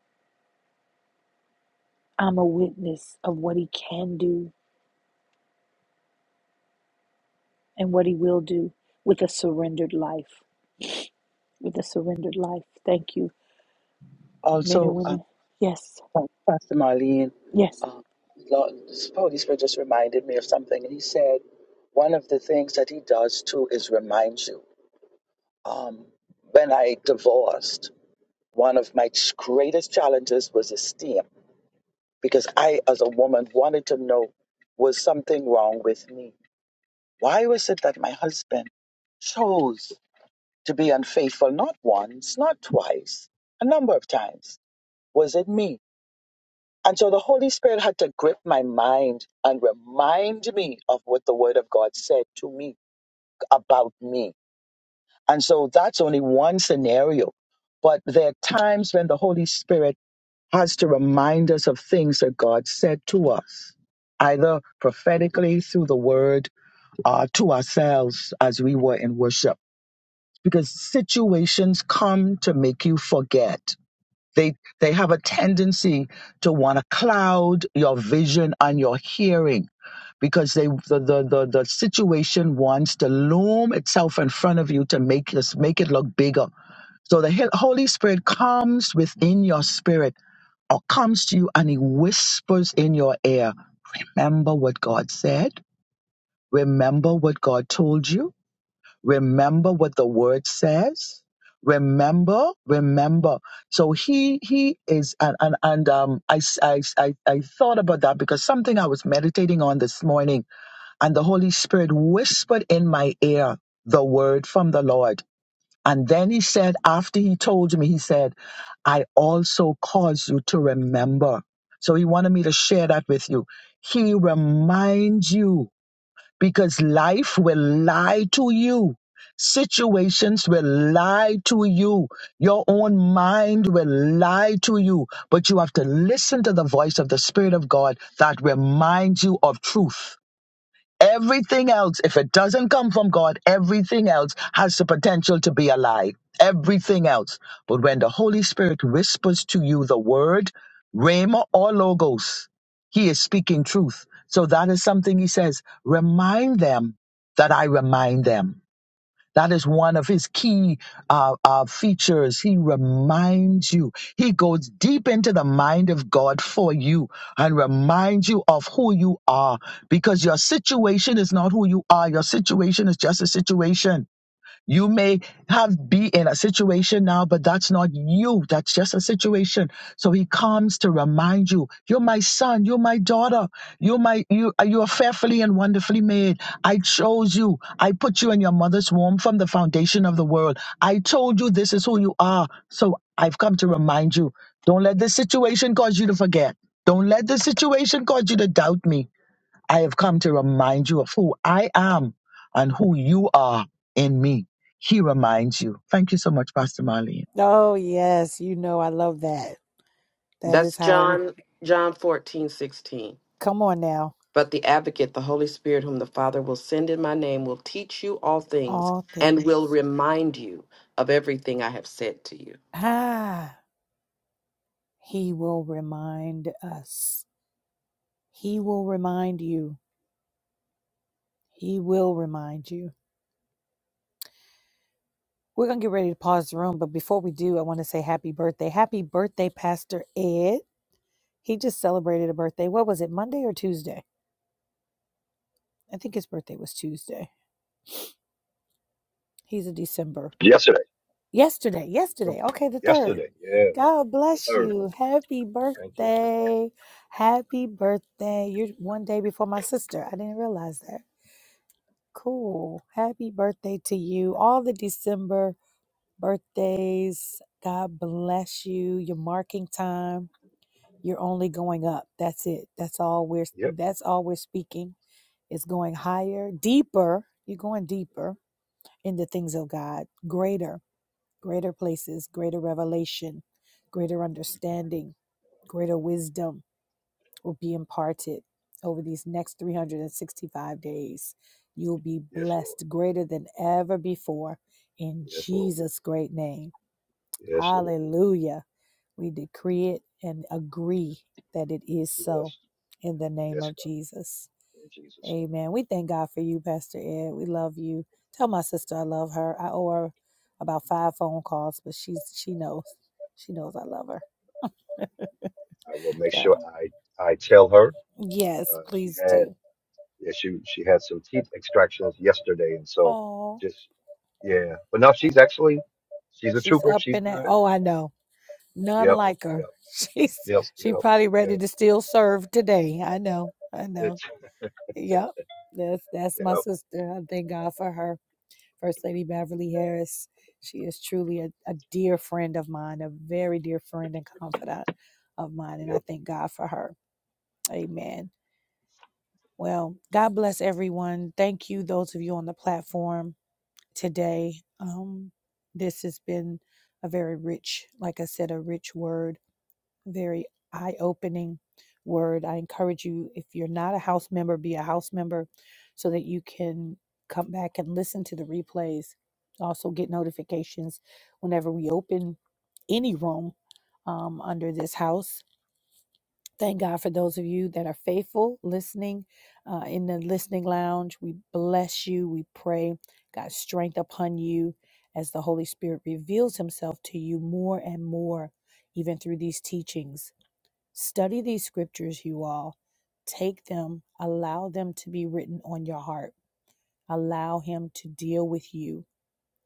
I'm a witness of what He can do and what He will do with a surrendered life. with a surrendered life. Thank you, men and Also, uh, women. Yes, Pastor Marlene, yes. Lord, the Holy Spirit just reminded me of something, and he said one of the things that he does too is remind you. Um, when I divorced. One of my greatest challenges was esteem because I, as a woman, wanted to know was something wrong with me? Why was it that my husband chose to be unfaithful not once, not twice, a number of times? Was it me? And so the Holy Spirit had to grip my mind and remind me of what the Word of God said to me about me. And so that's only one scenario. But there are times when the Holy Spirit has to remind us of things that God said to us, either prophetically through the word or to ourselves as we were in worship. Because situations come to make you forget. They, they have a tendency to want to cloud your vision and your hearing because they the, the, the, the situation wants to loom itself in front of you to make this make it look bigger. So the Hel- Holy Spirit comes within your spirit or comes to you and he whispers in your ear, remember what God said? Remember what God told you? Remember what the word says? Remember, remember. So he, he is, and, and, and, um, I I, I, I thought about that because something I was meditating on this morning and the Holy Spirit whispered in my ear the word from the Lord. And then he said, after he told me, he said, I also cause you to remember. So he wanted me to share that with you. He reminds you because life will lie to you. Situations will lie to you. Your own mind will lie to you. But you have to listen to the voice of the Spirit of God that reminds you of truth Everything else, if it doesn't come from God, everything else has the potential to be a lie. Everything else. But when the Holy Spirit whispers to you the word, Rhema or Logos, he is speaking truth. So that is something he says. Remind them that I remind them. That is one of his key uh, uh, features. He reminds you. He goes deep into the mind of God for you and reminds you of who you are because your situation is not who you are. Your situation is just a situation. You may have be in a situation now, but that's not you. That's just a situation. So he comes to remind you, you're my son, you're my daughter, you're my you you are fearfully and wonderfully made. I chose you. I put you in your mother's womb from the foundation of the world. I told you this is who you are. So I've come to remind you. Don't let this situation cause you to forget. Don't let this situation cause you to doubt me. I have come to remind you of who I am and who you are in me. He reminds you. Thank you so much, Pastor Marlene. Oh, yes. You know, I love that. That is that's how we john john 14 16. come on now. but the advocate the holy spirit whom the father will send in my name will teach you all things All and will things. remind you of everything i have said to you Ah, he will remind us. He will remind you. He will remind you. We're going to get ready to pause the room, but before we do, I want to say happy birthday. Happy birthday, Pastor Ed. He just celebrated a birthday. What was it, Monday or Tuesday? I think his birthday was Tuesday. He's a December. Yesterday. Yesterday, yesterday. Okay, the third. Yesterday. Yes. God The bless third. you. Happy Thank you. birthday. Happy birthday. You're one day before my sister. I didn't realize that. Cool. Happy birthday to you. All the December birthdays. God bless you. Your marking time. You're only going up. That's it. That's all we're Yep. that's all we're speaking. It's going higher, deeper. You're going deeper in the things of God. Greater greater places, greater revelation, greater understanding, greater wisdom will be imparted over these next 365 days. You'll be Yes, Lord. blessed greater than ever before in Yes, Lord. Jesus' great name. Yes, Lord. Hallelujah. We decree it and agree that it is so Yes. in the name Yes, of Jesus. God. In Jesus' name. Amen. We thank God for you, Pastor Ed. We love you. Tell my sister I love her. I owe her about five phone calls, but she's she knows. She knows I love her. I will make Go. sure I I tell her. Yes, Uh, we she had do. yeah, she she had some teeth extractions yesterday, and so Oh, just yeah. But no, she's actually she's a she's trooper. up She's in that. good. Oh, I know. None Yep. like Yep. her. (laughs) She's Yep. she Yep. probably Yep. ready to still serve today. I know. I know. It's Yep. That's that's my yep. sister. I thank God for her. First Lady Beverly Harris. She is truly a, a dear friend of mine, a very dear friend and confidant of mine. And I Yep. thank God for her. Amen. Well, God bless everyone. Thank you, those of you on the platform today. Um, this has been a very rich, like I said, a rich word very eye opening word. I encourage you, if you're not a house member, be a house member so that you can come back and listen to the replays. Also, get notifications whenever we open any room um, under this house. Thank God for those of you that are faithful listening uh, in the listening lounge. We bless you. We pray God's strength upon you as the Holy Spirit reveals himself to you more and more, even through these teachings Study these scriptures, you all. Take them, allow them to be written on your heart. Allow Him to deal with you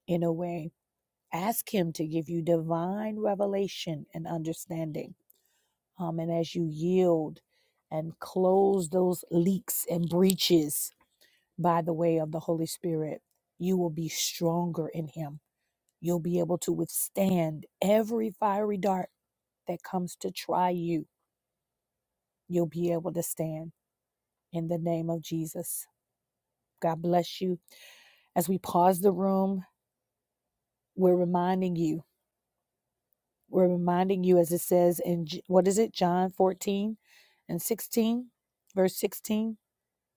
in a way. Ask Him to give you divine revelation and understanding. Um, and as you yield and close those leaks and breaches by the way of the Holy Spirit, you will be stronger in Him. You'll be able to withstand every fiery dart that comes to try you. You'll be able to stand in the name of Jesus. God bless you. As we pause the room, we're reminding you. We're reminding you, as it says in what is it, John 14 and 16, verse 16,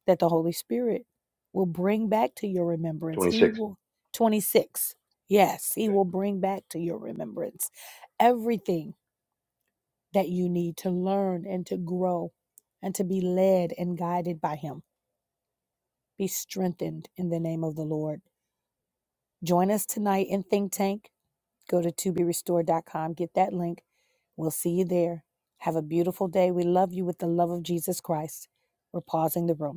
that the Holy Spirit will bring back to your remembrance. Twenty He six. will, 26, yes, He will bring back to your remembrance everything that you need to learn and to grow and to be led and guided by Him. Be strengthened in the name of the Lord. Join us tonight in Think Tank. Go to to be restored dot com. get that link. We'll see you there. Have a beautiful day. We love you with the love of Jesus Christ. We're pausing the room.